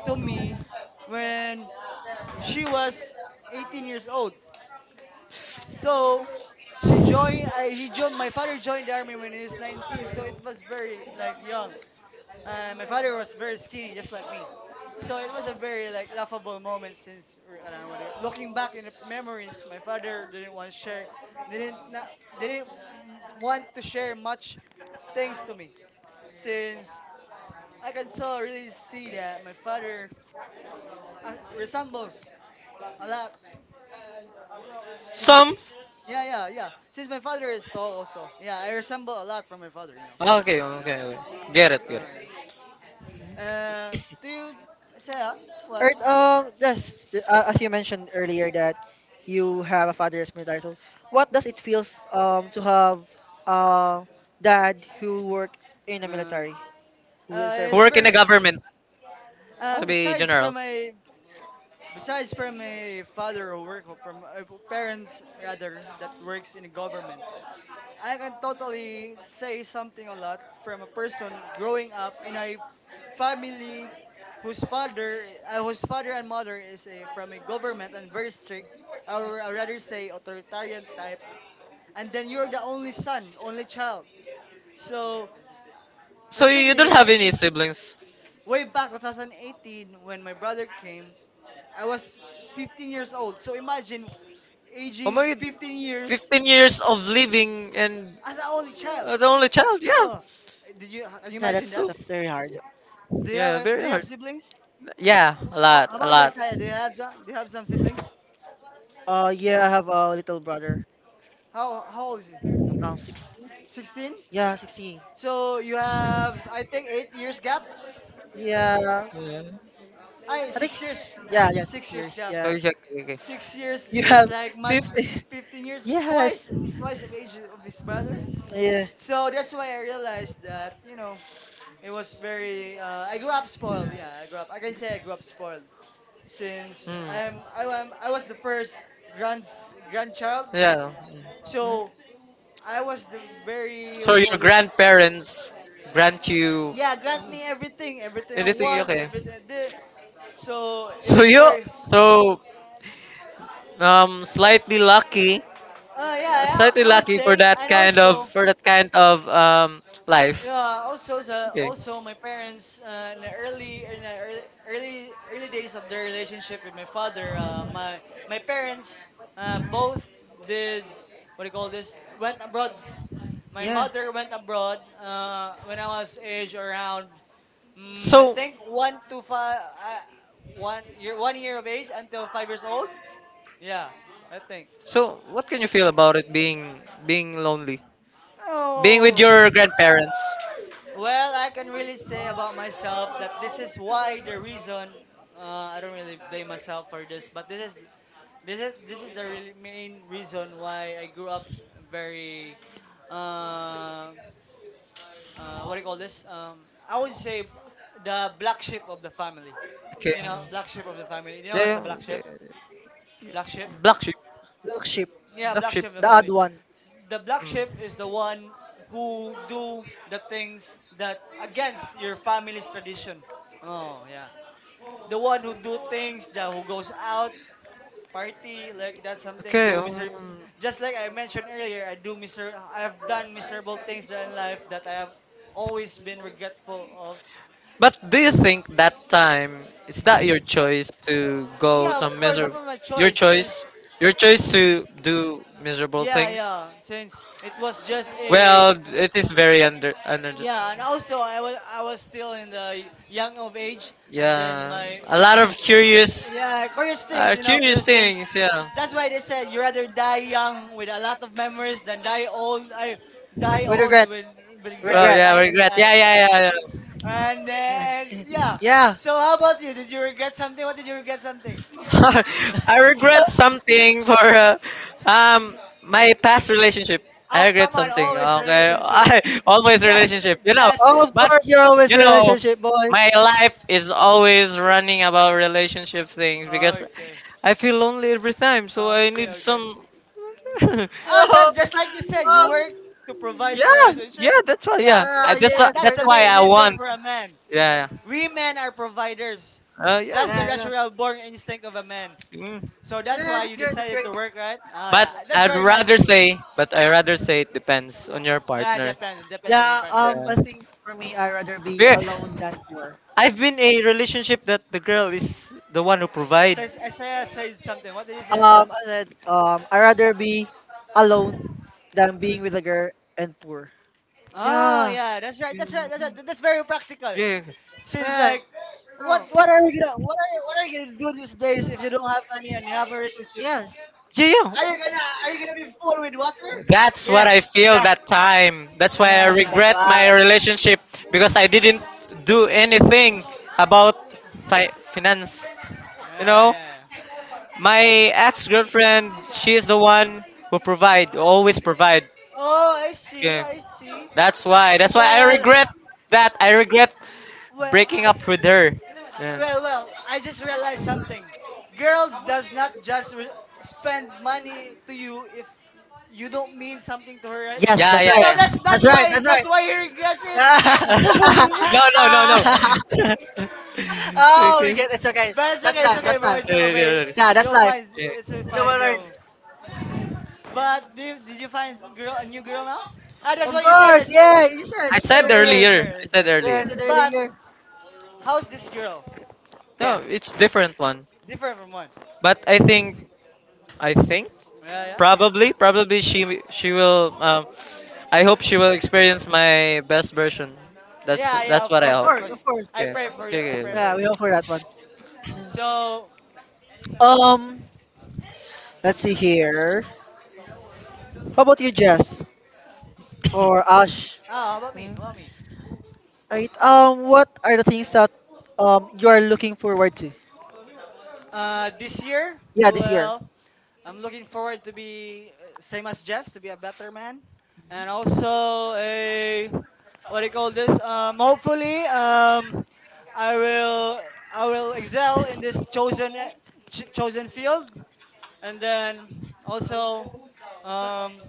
[SPEAKER 3] to me when she was 18 years old. So she joined. I he joined. my father joined the army when he was 19, so it was very like young. My father was very skinny, just like me. So it was a very like laughable moment, since or, I don't know what it- looking back in the memories, my father didn't want to share, didn't not, didn't m- want to share much things to me, since I can so really see that my father resembles a lot to me.
[SPEAKER 1] Some.
[SPEAKER 3] Yeah, yeah, yeah. Since my father is tall also. Yeah, I resemble a lot from my father.
[SPEAKER 1] Ah, okay,
[SPEAKER 3] Yeah,
[SPEAKER 1] okay, okay.
[SPEAKER 3] yeah.
[SPEAKER 1] Get it, get
[SPEAKER 3] Oh,
[SPEAKER 1] it.
[SPEAKER 3] yeah.
[SPEAKER 2] Mhm.
[SPEAKER 3] Do you say what?
[SPEAKER 2] Alright, yes, as you mentioned earlier that you have a father as military. So, what does it feels to have a dad who work in the
[SPEAKER 3] Uh,
[SPEAKER 2] military, who
[SPEAKER 3] uh,
[SPEAKER 2] is
[SPEAKER 1] Who
[SPEAKER 3] it's
[SPEAKER 2] service?
[SPEAKER 1] work in
[SPEAKER 3] very
[SPEAKER 1] the
[SPEAKER 3] d-
[SPEAKER 1] government,
[SPEAKER 2] Huh?
[SPEAKER 1] to be
[SPEAKER 3] Besides from
[SPEAKER 1] general.
[SPEAKER 3] my, besides from my father who work from parents rather that works in the government, I can totally say something a lot from a person growing up in a family whose father and mother is from a government and very strict, or I rather say authoritarian type, and then you're the only son, only child. So
[SPEAKER 1] So you don't
[SPEAKER 3] recently,
[SPEAKER 1] have any siblings.
[SPEAKER 3] way back 2018, when my brother came, I was 15 years old. So imagine
[SPEAKER 1] Oh
[SPEAKER 3] aging
[SPEAKER 1] my,
[SPEAKER 3] 15 years
[SPEAKER 1] 15 years of living, and
[SPEAKER 3] as an only child.
[SPEAKER 1] the only child, yeah.
[SPEAKER 3] Oh, did you can you
[SPEAKER 2] Yeah,
[SPEAKER 3] imagine that?
[SPEAKER 1] So,
[SPEAKER 2] that's very hard.
[SPEAKER 3] Do you have
[SPEAKER 1] yeah,
[SPEAKER 3] a,
[SPEAKER 1] very
[SPEAKER 3] do you have
[SPEAKER 1] hard.
[SPEAKER 3] siblings?
[SPEAKER 1] Yeah, a
[SPEAKER 3] Oh,
[SPEAKER 1] lot,
[SPEAKER 3] how
[SPEAKER 1] a
[SPEAKER 3] about
[SPEAKER 1] lot.
[SPEAKER 3] Yesaya? Do you have some? Do you have some siblings?
[SPEAKER 2] Yeah, I have a little brother.
[SPEAKER 3] How old is he?
[SPEAKER 2] 16.
[SPEAKER 3] 16.
[SPEAKER 2] Yeah, 16.
[SPEAKER 3] So you have, I think, 8 years gap.
[SPEAKER 2] Yes.
[SPEAKER 1] Yeah.
[SPEAKER 3] I
[SPEAKER 2] I think.
[SPEAKER 3] six years,
[SPEAKER 2] Yeah, yeah, six
[SPEAKER 3] 6 years
[SPEAKER 2] years.
[SPEAKER 3] gap.
[SPEAKER 2] Yeah.
[SPEAKER 1] Okay, okay, okay.
[SPEAKER 3] 6 years
[SPEAKER 2] You
[SPEAKER 3] is
[SPEAKER 2] have
[SPEAKER 3] like much
[SPEAKER 2] 50. <laughs>
[SPEAKER 3] 15 years,
[SPEAKER 2] Yes.
[SPEAKER 3] twice of age of his brother.
[SPEAKER 2] Yeah.
[SPEAKER 3] So that's why I realized that, it was very. I grew up spoiled. Yeah, I grew up. I can say I grew up spoiled, since
[SPEAKER 1] Hmm.
[SPEAKER 3] I'm I am I was the first grand grandchild.
[SPEAKER 1] Yeah.
[SPEAKER 2] Yeah.
[SPEAKER 3] So I was the very, what
[SPEAKER 1] So
[SPEAKER 3] do you call
[SPEAKER 1] your
[SPEAKER 3] this?
[SPEAKER 1] grandparents grant you
[SPEAKER 3] Yeah, grant me everything, everything I
[SPEAKER 1] anything,
[SPEAKER 3] want,
[SPEAKER 1] okay?
[SPEAKER 3] everything I did. So it
[SPEAKER 1] So
[SPEAKER 3] was
[SPEAKER 1] you,
[SPEAKER 3] very.
[SPEAKER 1] so slightly lucky,
[SPEAKER 3] Yeah, I, I would
[SPEAKER 1] for
[SPEAKER 3] say.
[SPEAKER 1] that
[SPEAKER 3] And
[SPEAKER 1] kind of,
[SPEAKER 3] also,
[SPEAKER 1] life.
[SPEAKER 3] yeah,
[SPEAKER 1] Okay.
[SPEAKER 3] also my parents, in the early days of their relationship with my father, my parents both did, what do you call this? Went abroad. My
[SPEAKER 2] Yeah.
[SPEAKER 3] mother went abroad when I was age around, I
[SPEAKER 1] So
[SPEAKER 3] think, one to five, one year of age until 5 years old. Yeah, I think.
[SPEAKER 1] so what can you feel about it, being lonely, being with
[SPEAKER 3] Oh,
[SPEAKER 1] your grandparents?
[SPEAKER 3] well, I can really say about myself that this is why the reason. I don't really blame myself for this, but this is the really main reason why I grew up very. Uh, what do you call this? I would say, the black sheep of the family.
[SPEAKER 1] Okay.
[SPEAKER 3] Black sheep of the family. You know what's the
[SPEAKER 1] Yeah,
[SPEAKER 3] black
[SPEAKER 1] yeah,
[SPEAKER 3] sheep?
[SPEAKER 1] yeah.
[SPEAKER 3] Black sheep.
[SPEAKER 1] Black sheep.
[SPEAKER 2] Milkship.
[SPEAKER 3] Yeah, black sheep of the
[SPEAKER 2] The odd
[SPEAKER 3] family.
[SPEAKER 2] one.
[SPEAKER 3] The black sheep
[SPEAKER 1] Mm.
[SPEAKER 3] is the one who do the things that against your family's tradition. Oh yeah, the one who do things, that who goes out party, like that, something,
[SPEAKER 1] Okay.
[SPEAKER 3] do miser. Just like I mentioned earlier, I do miser. I have done miserable things that in life that I have always been regretful of.
[SPEAKER 1] But do you
[SPEAKER 3] Uh,
[SPEAKER 1] think that time is that your choice to go
[SPEAKER 3] yeah, of
[SPEAKER 1] some
[SPEAKER 3] course, that
[SPEAKER 1] miserable?
[SPEAKER 3] was my
[SPEAKER 1] Your
[SPEAKER 3] choice since.
[SPEAKER 1] choice, your choice to do miserable
[SPEAKER 3] Yeah,
[SPEAKER 1] things.
[SPEAKER 3] yeah, since it was just a.
[SPEAKER 1] Well, it is very under, under.
[SPEAKER 3] Yeah, and also, I was still in the young of age, and then
[SPEAKER 1] Yeah,
[SPEAKER 3] my,
[SPEAKER 1] a lot of curious,
[SPEAKER 3] yeah, curious things, you know,
[SPEAKER 1] curious
[SPEAKER 3] curious things.
[SPEAKER 1] things. Yeah.
[SPEAKER 3] That's why they said, you rather die young with a lot of memories than die old. I die
[SPEAKER 2] With
[SPEAKER 3] old <laughs>
[SPEAKER 2] regret.
[SPEAKER 3] with regret,
[SPEAKER 1] Well,
[SPEAKER 2] Regret.
[SPEAKER 1] yeah,
[SPEAKER 3] right?
[SPEAKER 1] regret.
[SPEAKER 3] And,
[SPEAKER 1] Yeah, yeah,
[SPEAKER 3] uh,
[SPEAKER 1] yeah, yeah.
[SPEAKER 3] and then,
[SPEAKER 2] And-
[SPEAKER 3] yeah.
[SPEAKER 2] <laughs> Yeah.
[SPEAKER 3] So how about you? Did you regret something? What did you regret something?
[SPEAKER 1] <laughs> I regret something for, my past relationship. I
[SPEAKER 3] Oh
[SPEAKER 1] regret
[SPEAKER 3] come on,
[SPEAKER 1] something.
[SPEAKER 3] always
[SPEAKER 1] Okay, <laughs>
[SPEAKER 3] relationship.
[SPEAKER 1] I
[SPEAKER 3] <laughs>
[SPEAKER 1] always
[SPEAKER 3] Jess,
[SPEAKER 1] relationship. You know,
[SPEAKER 3] Jess
[SPEAKER 2] Oh,
[SPEAKER 3] is
[SPEAKER 2] of
[SPEAKER 1] but
[SPEAKER 2] course, you're always
[SPEAKER 1] you know,
[SPEAKER 2] relationship boy.
[SPEAKER 1] my
[SPEAKER 2] <laughs>
[SPEAKER 1] life is always running about relationship things because
[SPEAKER 3] okay.
[SPEAKER 1] I feel lonely every time. So I
[SPEAKER 3] Okay,
[SPEAKER 1] need
[SPEAKER 3] okay.
[SPEAKER 1] some. <laughs> yeah,
[SPEAKER 3] Oh,
[SPEAKER 2] Oh,
[SPEAKER 3] just like you said, you
[SPEAKER 2] oh.
[SPEAKER 3] work to provide for a
[SPEAKER 1] yeah.
[SPEAKER 3] relationship.
[SPEAKER 1] That's why.
[SPEAKER 3] Yeah,
[SPEAKER 1] Yeah,
[SPEAKER 2] Ah,
[SPEAKER 3] that's
[SPEAKER 1] that's
[SPEAKER 2] yeah,
[SPEAKER 1] why.
[SPEAKER 3] that,
[SPEAKER 2] that's
[SPEAKER 3] that's
[SPEAKER 2] right.
[SPEAKER 3] the
[SPEAKER 1] That's
[SPEAKER 2] That's
[SPEAKER 1] why
[SPEAKER 3] main
[SPEAKER 2] great.
[SPEAKER 1] I
[SPEAKER 3] reason
[SPEAKER 1] want.
[SPEAKER 3] for a man.
[SPEAKER 1] Yeah.
[SPEAKER 3] We men are providers.
[SPEAKER 1] yeah. Yeah.
[SPEAKER 3] That's the
[SPEAKER 2] Yeah, yeah.
[SPEAKER 3] natural born instinct of a man.
[SPEAKER 1] Mm.
[SPEAKER 3] So that's
[SPEAKER 2] Yeah,
[SPEAKER 3] why
[SPEAKER 2] that's
[SPEAKER 3] you
[SPEAKER 2] great. That's
[SPEAKER 3] decided
[SPEAKER 2] great.
[SPEAKER 3] to work, right? Oh
[SPEAKER 1] But
[SPEAKER 3] yeah, that's
[SPEAKER 1] I'd
[SPEAKER 3] very nice
[SPEAKER 1] rather
[SPEAKER 3] of you.
[SPEAKER 1] say, but I rather say it depends on your
[SPEAKER 3] Ah,
[SPEAKER 1] partner.
[SPEAKER 3] depends, It depends on your
[SPEAKER 2] Yeah,
[SPEAKER 3] partner.
[SPEAKER 1] Yeah.
[SPEAKER 2] I think for me, I'd rather be
[SPEAKER 1] Because
[SPEAKER 2] alone than poor.
[SPEAKER 1] I've been a relationship that the girl is the one who provides.
[SPEAKER 3] Says Isaiah said something. What did he say, Isaiah?
[SPEAKER 2] And then, I rather be alone than being with a girl and poor.
[SPEAKER 3] Oh
[SPEAKER 2] Yeah,
[SPEAKER 3] yeah, that's right, that's right, that's right. That's very practical.
[SPEAKER 1] Yeah.
[SPEAKER 3] Since
[SPEAKER 2] yeah,
[SPEAKER 3] like, what
[SPEAKER 2] no,
[SPEAKER 3] what are you gonna what are you gonna do these days if you don't have money and you have a relationship?
[SPEAKER 2] yes,
[SPEAKER 1] Yeah, yeah.
[SPEAKER 3] Are you gonna be full with water?
[SPEAKER 1] That's what
[SPEAKER 2] yeah,
[SPEAKER 1] I feel
[SPEAKER 2] yeah.
[SPEAKER 1] that time. That's why I
[SPEAKER 3] Yeah, yeah,
[SPEAKER 2] Mm, that's
[SPEAKER 1] regret
[SPEAKER 2] why.
[SPEAKER 1] my relationship because I didn't do anything about finance. You know,
[SPEAKER 3] yeah, yeah.
[SPEAKER 1] my ex-girlfriend, she is the one who provide, always provide.
[SPEAKER 3] Oh, I see, I see.
[SPEAKER 1] That's why. That's why I
[SPEAKER 3] Well,
[SPEAKER 1] regret that. I regret
[SPEAKER 3] well,
[SPEAKER 1] breaking up with her. Yeah.
[SPEAKER 3] well. I just realized something. Girl does not just spend money to you if you don't mean something to her, right?
[SPEAKER 2] Yes,
[SPEAKER 1] Yeah,
[SPEAKER 2] that's
[SPEAKER 1] yeah,
[SPEAKER 2] right.
[SPEAKER 3] So
[SPEAKER 1] yeah.
[SPEAKER 3] that's
[SPEAKER 2] That's
[SPEAKER 3] that's
[SPEAKER 2] right.
[SPEAKER 3] why
[SPEAKER 2] That's right.
[SPEAKER 3] that's why he regrets it.
[SPEAKER 2] Yeah. <laughs>
[SPEAKER 1] <laughs> No, no, no, no.
[SPEAKER 2] Ah.
[SPEAKER 1] <laughs>
[SPEAKER 2] <laughs> Oh, we
[SPEAKER 1] Okay.
[SPEAKER 2] get it's okay.
[SPEAKER 3] <laughs> But
[SPEAKER 2] That's
[SPEAKER 3] it's
[SPEAKER 2] life.
[SPEAKER 3] okay,
[SPEAKER 2] That's
[SPEAKER 3] bro.
[SPEAKER 2] life.
[SPEAKER 3] It's
[SPEAKER 1] No, no,
[SPEAKER 3] okay, bro.
[SPEAKER 1] no, no.
[SPEAKER 2] Nah, that's
[SPEAKER 3] You'll
[SPEAKER 2] life.
[SPEAKER 3] find it's
[SPEAKER 1] Yeah.
[SPEAKER 3] a
[SPEAKER 2] You
[SPEAKER 3] fine
[SPEAKER 2] will learn.
[SPEAKER 3] girl. But did you find girl a new girl now? Ah, that's
[SPEAKER 2] Of
[SPEAKER 3] what you said.
[SPEAKER 2] course,
[SPEAKER 3] That's
[SPEAKER 2] yeah.
[SPEAKER 3] true.
[SPEAKER 2] You said.
[SPEAKER 1] I
[SPEAKER 2] You said
[SPEAKER 1] said
[SPEAKER 3] New girl
[SPEAKER 2] earlier.
[SPEAKER 3] is
[SPEAKER 1] earlier.
[SPEAKER 3] here,
[SPEAKER 1] I
[SPEAKER 3] is
[SPEAKER 1] said
[SPEAKER 3] here.
[SPEAKER 2] Yeah, I
[SPEAKER 1] earlier.
[SPEAKER 2] said
[SPEAKER 3] But
[SPEAKER 2] earlier.
[SPEAKER 3] how's this girl?
[SPEAKER 1] No,
[SPEAKER 2] Yeah.
[SPEAKER 1] it's different one.
[SPEAKER 3] Different from one.
[SPEAKER 1] But I think
[SPEAKER 3] Yeah, yeah.
[SPEAKER 1] probably she will. I hope she will experience my best version.
[SPEAKER 3] Yeah, yeah,
[SPEAKER 1] That's
[SPEAKER 3] of
[SPEAKER 1] what I
[SPEAKER 3] course,
[SPEAKER 2] Of
[SPEAKER 1] hope.
[SPEAKER 3] of
[SPEAKER 2] course.
[SPEAKER 3] course.
[SPEAKER 2] Of course.
[SPEAKER 3] I
[SPEAKER 1] Okay.
[SPEAKER 3] pray for you. I
[SPEAKER 1] okay.
[SPEAKER 3] pray
[SPEAKER 1] okay,
[SPEAKER 3] for
[SPEAKER 2] Yeah, we
[SPEAKER 3] you.
[SPEAKER 2] hope for that one. Mm.
[SPEAKER 3] So, oh,
[SPEAKER 2] Um. Let's see here. How about you, Jess
[SPEAKER 1] <coughs> okay.
[SPEAKER 2] or Ash?
[SPEAKER 3] how about me?
[SPEAKER 2] Hmm?
[SPEAKER 3] How about me?
[SPEAKER 2] Right. What are the things that you are looking forward to?
[SPEAKER 3] This year,
[SPEAKER 2] Yeah, this year.
[SPEAKER 3] well, I'm looking forward to be, same as Jess, to be a better man, and also a, what do you call this? Hopefully, I will, excel in this chosen chosen field, and then also, um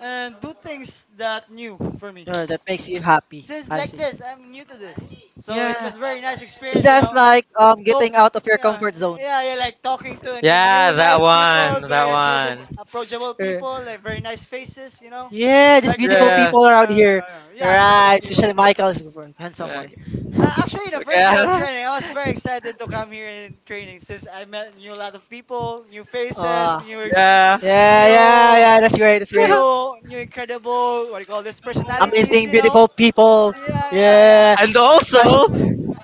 [SPEAKER 3] and do things that new for me,
[SPEAKER 2] That makes you happy.
[SPEAKER 3] since,
[SPEAKER 2] I
[SPEAKER 3] like
[SPEAKER 2] see.
[SPEAKER 3] this, I'm new to this, so it
[SPEAKER 2] Yeah.
[SPEAKER 3] was very nice
[SPEAKER 2] It's
[SPEAKER 3] experience you
[SPEAKER 2] just
[SPEAKER 3] know
[SPEAKER 2] like
[SPEAKER 3] Talk
[SPEAKER 2] getting out of your
[SPEAKER 3] Yeah,
[SPEAKER 2] comfort zone.
[SPEAKER 3] yeah, yeah, like, talking to and you
[SPEAKER 1] Yeah,
[SPEAKER 3] new
[SPEAKER 1] that
[SPEAKER 3] nice people,
[SPEAKER 1] one,
[SPEAKER 3] very
[SPEAKER 1] that
[SPEAKER 3] approachable
[SPEAKER 1] one.
[SPEAKER 3] approachable
[SPEAKER 2] Uh,
[SPEAKER 3] people, like very nice faces.
[SPEAKER 2] yeah, these
[SPEAKER 3] Like
[SPEAKER 2] beautiful
[SPEAKER 3] this,
[SPEAKER 1] Yeah.
[SPEAKER 2] people around
[SPEAKER 3] yeah,
[SPEAKER 2] here.
[SPEAKER 3] yeah, yeah, beautiful
[SPEAKER 2] Right,
[SPEAKER 3] people
[SPEAKER 2] especially Michael is a handsome
[SPEAKER 1] yeah,
[SPEAKER 3] mm.
[SPEAKER 2] boy.
[SPEAKER 3] Uh,
[SPEAKER 2] <laughs>
[SPEAKER 3] actually the first day of
[SPEAKER 1] Okay. <laughs>
[SPEAKER 3] training, I was very excited to come here in training, since I met new lot of people, new faces,
[SPEAKER 2] Uh,
[SPEAKER 3] new
[SPEAKER 1] Yeah.
[SPEAKER 2] yeah, yeah,
[SPEAKER 3] new
[SPEAKER 2] yeah. That's great. That's great.
[SPEAKER 1] <laughs>
[SPEAKER 3] incredible, what do you call this, personalities
[SPEAKER 2] Amazing,
[SPEAKER 3] you
[SPEAKER 2] beautiful
[SPEAKER 3] know
[SPEAKER 2] people.
[SPEAKER 3] Yeah, yeah,
[SPEAKER 2] Yeah,
[SPEAKER 3] yeah,
[SPEAKER 1] And
[SPEAKER 2] especially.
[SPEAKER 1] also,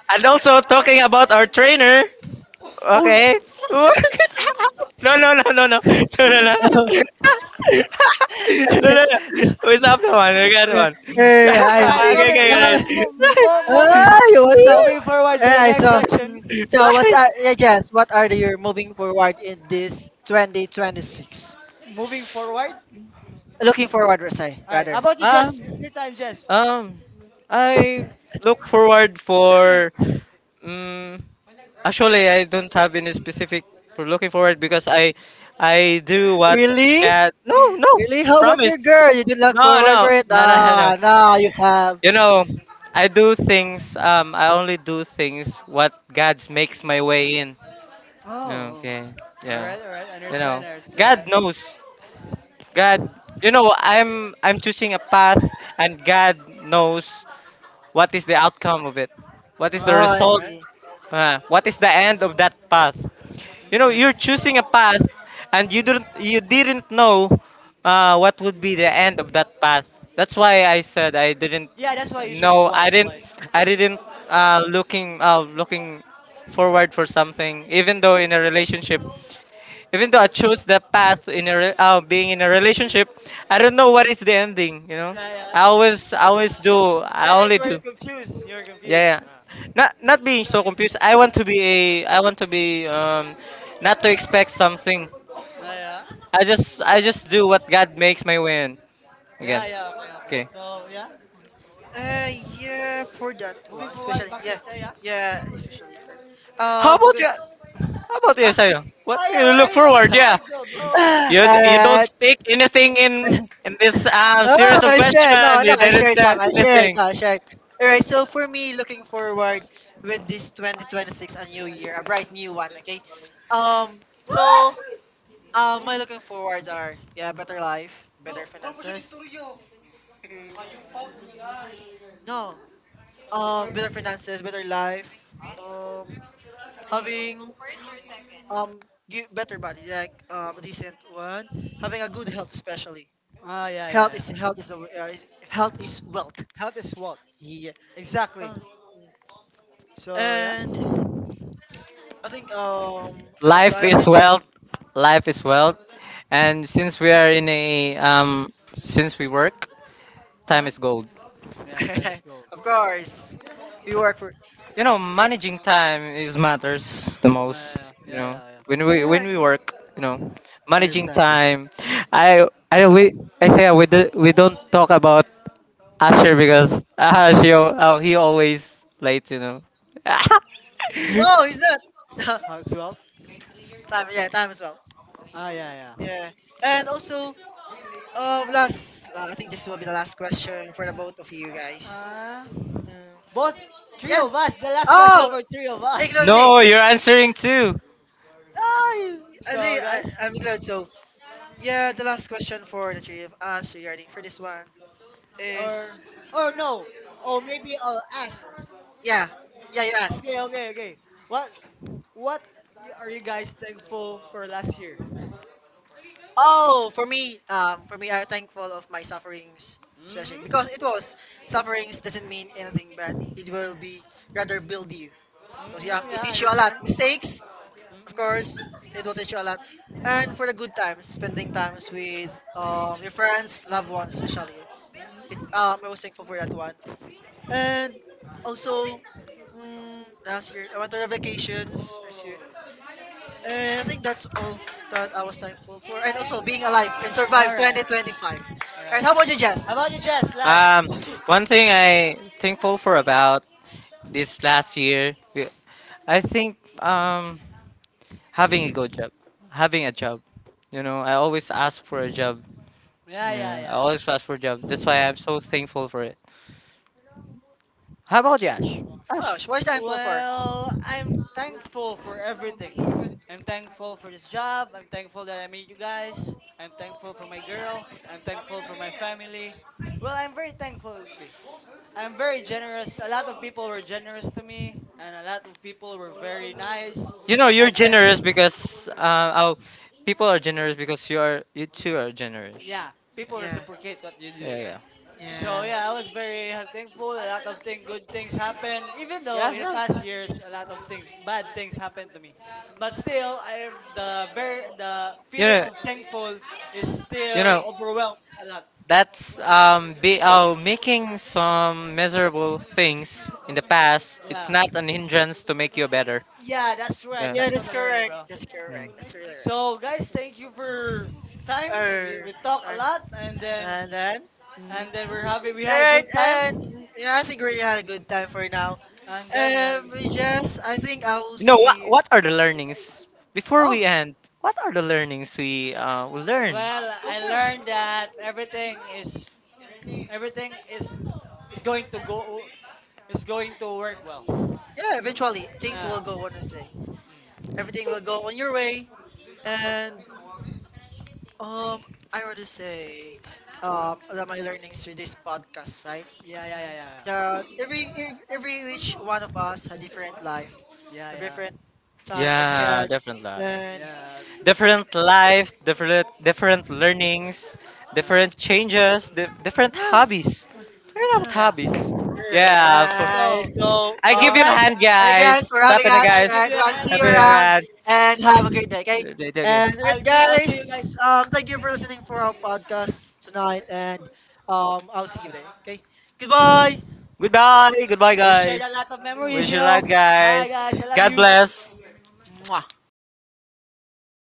[SPEAKER 1] and also talking about our trainer.
[SPEAKER 2] Oh,
[SPEAKER 1] Okay. <laughs> No, no, no, no, no. No, no, no. <laughs>
[SPEAKER 2] <laughs>
[SPEAKER 1] No, no, no.
[SPEAKER 2] <laughs>
[SPEAKER 1] We stop the one. We got
[SPEAKER 2] Eh,
[SPEAKER 1] one.
[SPEAKER 2] eh,
[SPEAKER 1] <laughs>
[SPEAKER 3] all
[SPEAKER 2] I
[SPEAKER 3] right.
[SPEAKER 2] see.
[SPEAKER 1] Okay,
[SPEAKER 3] moving
[SPEAKER 1] okay,
[SPEAKER 3] moving
[SPEAKER 2] Uh,
[SPEAKER 3] mo-
[SPEAKER 1] okay.
[SPEAKER 3] mo- moving
[SPEAKER 2] Ay, what's up?
[SPEAKER 3] moving forward to the
[SPEAKER 2] Eh,
[SPEAKER 3] next
[SPEAKER 2] so,
[SPEAKER 3] question.
[SPEAKER 2] mm, so what's
[SPEAKER 1] <laughs>
[SPEAKER 2] yeah, yes, what are the, you're moving forward in this 2026?
[SPEAKER 3] Moving forward
[SPEAKER 2] Looking forward, say,
[SPEAKER 3] All right, how
[SPEAKER 2] rather.
[SPEAKER 3] about you,
[SPEAKER 1] Um,
[SPEAKER 3] Jess? It's your time, Jess.
[SPEAKER 1] um, I look forward for. Um, Actually, I don't have any specific for looking forward because I do what
[SPEAKER 2] Really?
[SPEAKER 1] God. No, no,
[SPEAKER 2] Really? How about your
[SPEAKER 1] promise.
[SPEAKER 2] girl? You didn't look
[SPEAKER 1] No,
[SPEAKER 2] forward for
[SPEAKER 1] no,
[SPEAKER 2] it?
[SPEAKER 1] no, no, no.
[SPEAKER 2] Ah, no, you have.
[SPEAKER 1] You know, I do things. I only do things what God makes my way in.
[SPEAKER 3] Oh,
[SPEAKER 1] Okay.
[SPEAKER 3] all
[SPEAKER 1] Yeah.
[SPEAKER 3] right, all right, I
[SPEAKER 1] You
[SPEAKER 3] understand.
[SPEAKER 1] know, God
[SPEAKER 3] That,
[SPEAKER 1] knows. God. You know, I'm choosing a path, and God knows what is the outcome of it. What is
[SPEAKER 3] all
[SPEAKER 1] the
[SPEAKER 2] Oh,
[SPEAKER 3] right,
[SPEAKER 2] I
[SPEAKER 3] all
[SPEAKER 1] result?
[SPEAKER 3] right.
[SPEAKER 2] see.
[SPEAKER 1] What is the end of that path? You know,
[SPEAKER 2] Eh.
[SPEAKER 1] you're
[SPEAKER 3] Mm-mm.
[SPEAKER 1] choosing a path and you didn't know what would be the end of that path. That's why I said I didn't
[SPEAKER 3] Yeah, that's why you should be
[SPEAKER 1] know i
[SPEAKER 3] wise,
[SPEAKER 1] didn't
[SPEAKER 3] wise.
[SPEAKER 1] I didn't looking looking forward for something, even though in a relationship, even though I chose the path in a being in a relationship. I don't know what is the ending, you know.
[SPEAKER 3] Yeah,
[SPEAKER 1] i
[SPEAKER 3] yeah,
[SPEAKER 1] always i always do I
[SPEAKER 3] yeah, like,
[SPEAKER 1] only do
[SPEAKER 3] you're confused,
[SPEAKER 1] yeah, yeah.
[SPEAKER 3] yeah.
[SPEAKER 1] Not being so confused. I want to be not to expect something.
[SPEAKER 3] Ah, yeah,
[SPEAKER 1] I just do what God makes my way in. Again.
[SPEAKER 3] yeah, yeah, okay, okay,
[SPEAKER 1] Okay.
[SPEAKER 3] so yeah.
[SPEAKER 2] Yeah, for that
[SPEAKER 3] Moving
[SPEAKER 2] one,
[SPEAKER 3] forward
[SPEAKER 2] especially,
[SPEAKER 3] back to
[SPEAKER 2] yeah,
[SPEAKER 3] Isaiah.
[SPEAKER 2] yeah, especially.
[SPEAKER 1] How about
[SPEAKER 2] Good.
[SPEAKER 1] you? How about you,
[SPEAKER 2] Ah.
[SPEAKER 1] Sayo? What
[SPEAKER 3] Oh
[SPEAKER 1] do
[SPEAKER 3] yeah,
[SPEAKER 1] you
[SPEAKER 3] what are
[SPEAKER 1] look
[SPEAKER 3] you looking
[SPEAKER 1] forward? Yeah.
[SPEAKER 3] forward to, bro?
[SPEAKER 2] <laughs>
[SPEAKER 1] You don't
[SPEAKER 2] Alright,
[SPEAKER 1] speak anything in this
[SPEAKER 2] oh,
[SPEAKER 1] series of
[SPEAKER 2] I said
[SPEAKER 1] questions.
[SPEAKER 2] no, no.
[SPEAKER 1] You
[SPEAKER 2] I
[SPEAKER 1] didn't
[SPEAKER 2] shared some.
[SPEAKER 1] say
[SPEAKER 2] I shared.
[SPEAKER 1] anything.
[SPEAKER 2] No, I shared. All right. So for me, looking forward with this 2026, a new year, a bright new one. Okay. Um. So my looking forwards are yeah, better life, better finances. No. Better finances, better life. Um, having um better body, like a decent one. Having a good health, especially.
[SPEAKER 3] Oh yeah, yeah, yeah.
[SPEAKER 2] Health is wealth.
[SPEAKER 3] Health is what?
[SPEAKER 2] Yeah.
[SPEAKER 3] Exactly.
[SPEAKER 2] Uh,
[SPEAKER 3] So yeah,
[SPEAKER 2] and I think I hope I
[SPEAKER 1] Life
[SPEAKER 2] hope
[SPEAKER 1] is
[SPEAKER 2] this
[SPEAKER 1] wealth. Life is wealth. And since we are in a since we work, time
[SPEAKER 2] huh?
[SPEAKER 1] is gold.
[SPEAKER 3] yeah, time is
[SPEAKER 2] <laughs>
[SPEAKER 3] gold.
[SPEAKER 2] Of course. We work for.
[SPEAKER 1] You know, managing time is matters the most,
[SPEAKER 3] Yeah,
[SPEAKER 1] you
[SPEAKER 3] yeah,
[SPEAKER 1] know,
[SPEAKER 3] yeah, yeah, yeah.
[SPEAKER 1] when we
[SPEAKER 2] Yeah, I
[SPEAKER 1] when we
[SPEAKER 2] see.
[SPEAKER 1] work, you know,
[SPEAKER 3] I
[SPEAKER 1] managing
[SPEAKER 3] understand.
[SPEAKER 1] time. I we I say we, do, We don't talk about Asher because <laughs> he always late, you know. <laughs>
[SPEAKER 2] No, he's not. <laughs>
[SPEAKER 3] Health is wealth.
[SPEAKER 2] Time, yeah, time as well.
[SPEAKER 3] Ah yeah, yeah.
[SPEAKER 2] Yeah. And also last I think this will be the last question for the both of you guys.
[SPEAKER 3] Uh,
[SPEAKER 2] Uh,
[SPEAKER 3] both three
[SPEAKER 2] yeah.
[SPEAKER 3] of us. The last question
[SPEAKER 2] Oh,
[SPEAKER 3] for three of
[SPEAKER 2] include
[SPEAKER 3] us.
[SPEAKER 2] me.
[SPEAKER 1] No, you're answering too.
[SPEAKER 2] Oh, I
[SPEAKER 3] So
[SPEAKER 2] see. I,
[SPEAKER 3] guys,
[SPEAKER 2] I'm glad. So, yeah, the last question for the three of us regarding for this one is,
[SPEAKER 3] or or no, or maybe I'll ask.
[SPEAKER 2] yeah, yeah, you ask.
[SPEAKER 3] Okay, okay, okay. What what are you guys thankful for last year?
[SPEAKER 2] Oh, for me, I'm thankful of my sufferings, especially
[SPEAKER 3] Mm-hmm.
[SPEAKER 2] because it was sufferings doesn't mean anything, but it will be rather build you. Because yeah,
[SPEAKER 3] Mm-hmm,
[SPEAKER 2] it
[SPEAKER 3] yeah, I
[SPEAKER 2] teach you a lot.
[SPEAKER 3] understand.
[SPEAKER 2] Mistakes, of course,
[SPEAKER 3] Mm-hmm.
[SPEAKER 2] it will teach you a lot. And for the good times, spending times with your friends, loved ones,
[SPEAKER 3] Mm,
[SPEAKER 2] especially. It,
[SPEAKER 3] mm.
[SPEAKER 2] I was thankful for that one. And also, mm, last year I went on a vacations. And I think that's all that I was thankful for. And also being alive and
[SPEAKER 3] All
[SPEAKER 2] survive
[SPEAKER 3] right, all right,
[SPEAKER 2] 2025.
[SPEAKER 3] all right. All
[SPEAKER 2] Right,
[SPEAKER 3] right.
[SPEAKER 2] how about you, Jess?
[SPEAKER 3] How about you, Jess? Last.
[SPEAKER 1] um One thing I thankful for about this last year we- I think um having a good job, having a job. You know, I always ask for a job.
[SPEAKER 3] Yeah, yeah,
[SPEAKER 1] Yeah, I
[SPEAKER 3] yeah, yeah.
[SPEAKER 1] always fast for jobs. That's why I'm so thankful for it. How
[SPEAKER 3] S-
[SPEAKER 1] about you, Ash?
[SPEAKER 2] Oh,
[SPEAKER 1] Ash,
[SPEAKER 2] sh- what are you thankful for?
[SPEAKER 3] well, I'm thankful for everything. I'm thankful for this job. I'm thankful that I meet you guys. I'm thankful for my girl. I'm thankful for my family. Well, I'm very thankful. I'm very generous. A lot of people were generous to me, and a lot of people were very nice.
[SPEAKER 1] you know you're
[SPEAKER 3] And then,
[SPEAKER 1] generous because people are generous because you too are generous.
[SPEAKER 3] yeah, people
[SPEAKER 2] Yeah.
[SPEAKER 3] reciprocate what you do,
[SPEAKER 1] Yeah, yeah.
[SPEAKER 3] right? So
[SPEAKER 2] Yeah.
[SPEAKER 3] yeah, I was very, thankful. A lot of thing, good things happened. Even though
[SPEAKER 2] Yeah,
[SPEAKER 3] in the
[SPEAKER 2] yeah.
[SPEAKER 3] past years, a lot of things, bad things happened to me, but still, I am the very, the
[SPEAKER 1] You
[SPEAKER 3] feeling
[SPEAKER 1] know,
[SPEAKER 3] of thankful is
[SPEAKER 1] you
[SPEAKER 3] still
[SPEAKER 1] know
[SPEAKER 3] overwhelms a lot.
[SPEAKER 1] that's making some miserable things in the past. It's
[SPEAKER 3] Yeah,
[SPEAKER 1] not an hindrance to make you better.
[SPEAKER 3] yeah, that's right.
[SPEAKER 1] Yeah.
[SPEAKER 2] Yeah,
[SPEAKER 3] That's
[SPEAKER 2] that's
[SPEAKER 3] totally right,
[SPEAKER 2] correct.
[SPEAKER 3] bro.
[SPEAKER 2] That's
[SPEAKER 1] Mm.
[SPEAKER 2] correct. That's really
[SPEAKER 3] So
[SPEAKER 2] right.
[SPEAKER 3] guys, thank you for time. We,
[SPEAKER 2] Err,
[SPEAKER 3] we talk a
[SPEAKER 2] right.
[SPEAKER 3] lot, and then
[SPEAKER 2] And then, mm.
[SPEAKER 3] we're happy, we had a good
[SPEAKER 2] Alright,
[SPEAKER 3] time.
[SPEAKER 2] and yeah, I think we really had a good time for now.
[SPEAKER 3] And then we had a,
[SPEAKER 2] Jess, I think I will
[SPEAKER 1] You know what?
[SPEAKER 2] see.
[SPEAKER 1] What are the learnings before
[SPEAKER 2] Oh,
[SPEAKER 1] we end? What are the learnings we learn?
[SPEAKER 3] well, I
[SPEAKER 2] okay.
[SPEAKER 3] learned that everything is, everything is going to go is going to work well.
[SPEAKER 2] Yeah, eventually things
[SPEAKER 3] Uh,
[SPEAKER 2] will go on a say.
[SPEAKER 3] mm.
[SPEAKER 2] Everything will go on your way. And um I rather say
[SPEAKER 3] Huh?
[SPEAKER 2] that my learnings with this podcast, right?
[SPEAKER 3] Yeah, yeah, yeah, yeah.
[SPEAKER 2] That every every each one of us had different life,
[SPEAKER 3] Yeah,
[SPEAKER 2] a
[SPEAKER 3] yeah.
[SPEAKER 2] different time that we
[SPEAKER 1] Yeah,
[SPEAKER 2] had
[SPEAKER 1] different life.
[SPEAKER 3] Yeah,
[SPEAKER 2] and
[SPEAKER 3] yeah. I understand.
[SPEAKER 1] Different life, different learnings,
[SPEAKER 3] Uh,
[SPEAKER 1] different changes, different
[SPEAKER 2] yes.
[SPEAKER 1] hobbies. Talking about
[SPEAKER 3] yeah.
[SPEAKER 2] Yes.
[SPEAKER 1] hobbies.
[SPEAKER 2] Yes.
[SPEAKER 1] Yeah, for
[SPEAKER 2] Alright,
[SPEAKER 3] So,
[SPEAKER 2] so
[SPEAKER 1] I
[SPEAKER 3] yo
[SPEAKER 1] give you a
[SPEAKER 3] guys,
[SPEAKER 1] hand,
[SPEAKER 2] thank you
[SPEAKER 1] guys.
[SPEAKER 2] guys for
[SPEAKER 1] Tap
[SPEAKER 2] having
[SPEAKER 1] in the
[SPEAKER 2] us.
[SPEAKER 3] I'll
[SPEAKER 1] guys.
[SPEAKER 3] give
[SPEAKER 2] Alright, we
[SPEAKER 3] you,
[SPEAKER 2] want to see
[SPEAKER 1] Tap
[SPEAKER 2] you
[SPEAKER 1] in the
[SPEAKER 2] around
[SPEAKER 1] hands.
[SPEAKER 2] and have a
[SPEAKER 3] <laughs>
[SPEAKER 2] great day. Okay, and
[SPEAKER 3] I'll,
[SPEAKER 2] alright,
[SPEAKER 3] I'll see you
[SPEAKER 2] guys,
[SPEAKER 3] guys.
[SPEAKER 2] thank you for listening for our podcast tonight, and I'll see you there. Okay, goodbye.
[SPEAKER 1] Goodbye, goodbye
[SPEAKER 3] We shared
[SPEAKER 1] guys.
[SPEAKER 3] a lot of memories,
[SPEAKER 1] Wish
[SPEAKER 3] you
[SPEAKER 1] you light
[SPEAKER 3] know. Bye,
[SPEAKER 1] guys.
[SPEAKER 3] guys. I love
[SPEAKER 1] God
[SPEAKER 3] you.
[SPEAKER 1] bless.
[SPEAKER 2] Mwah.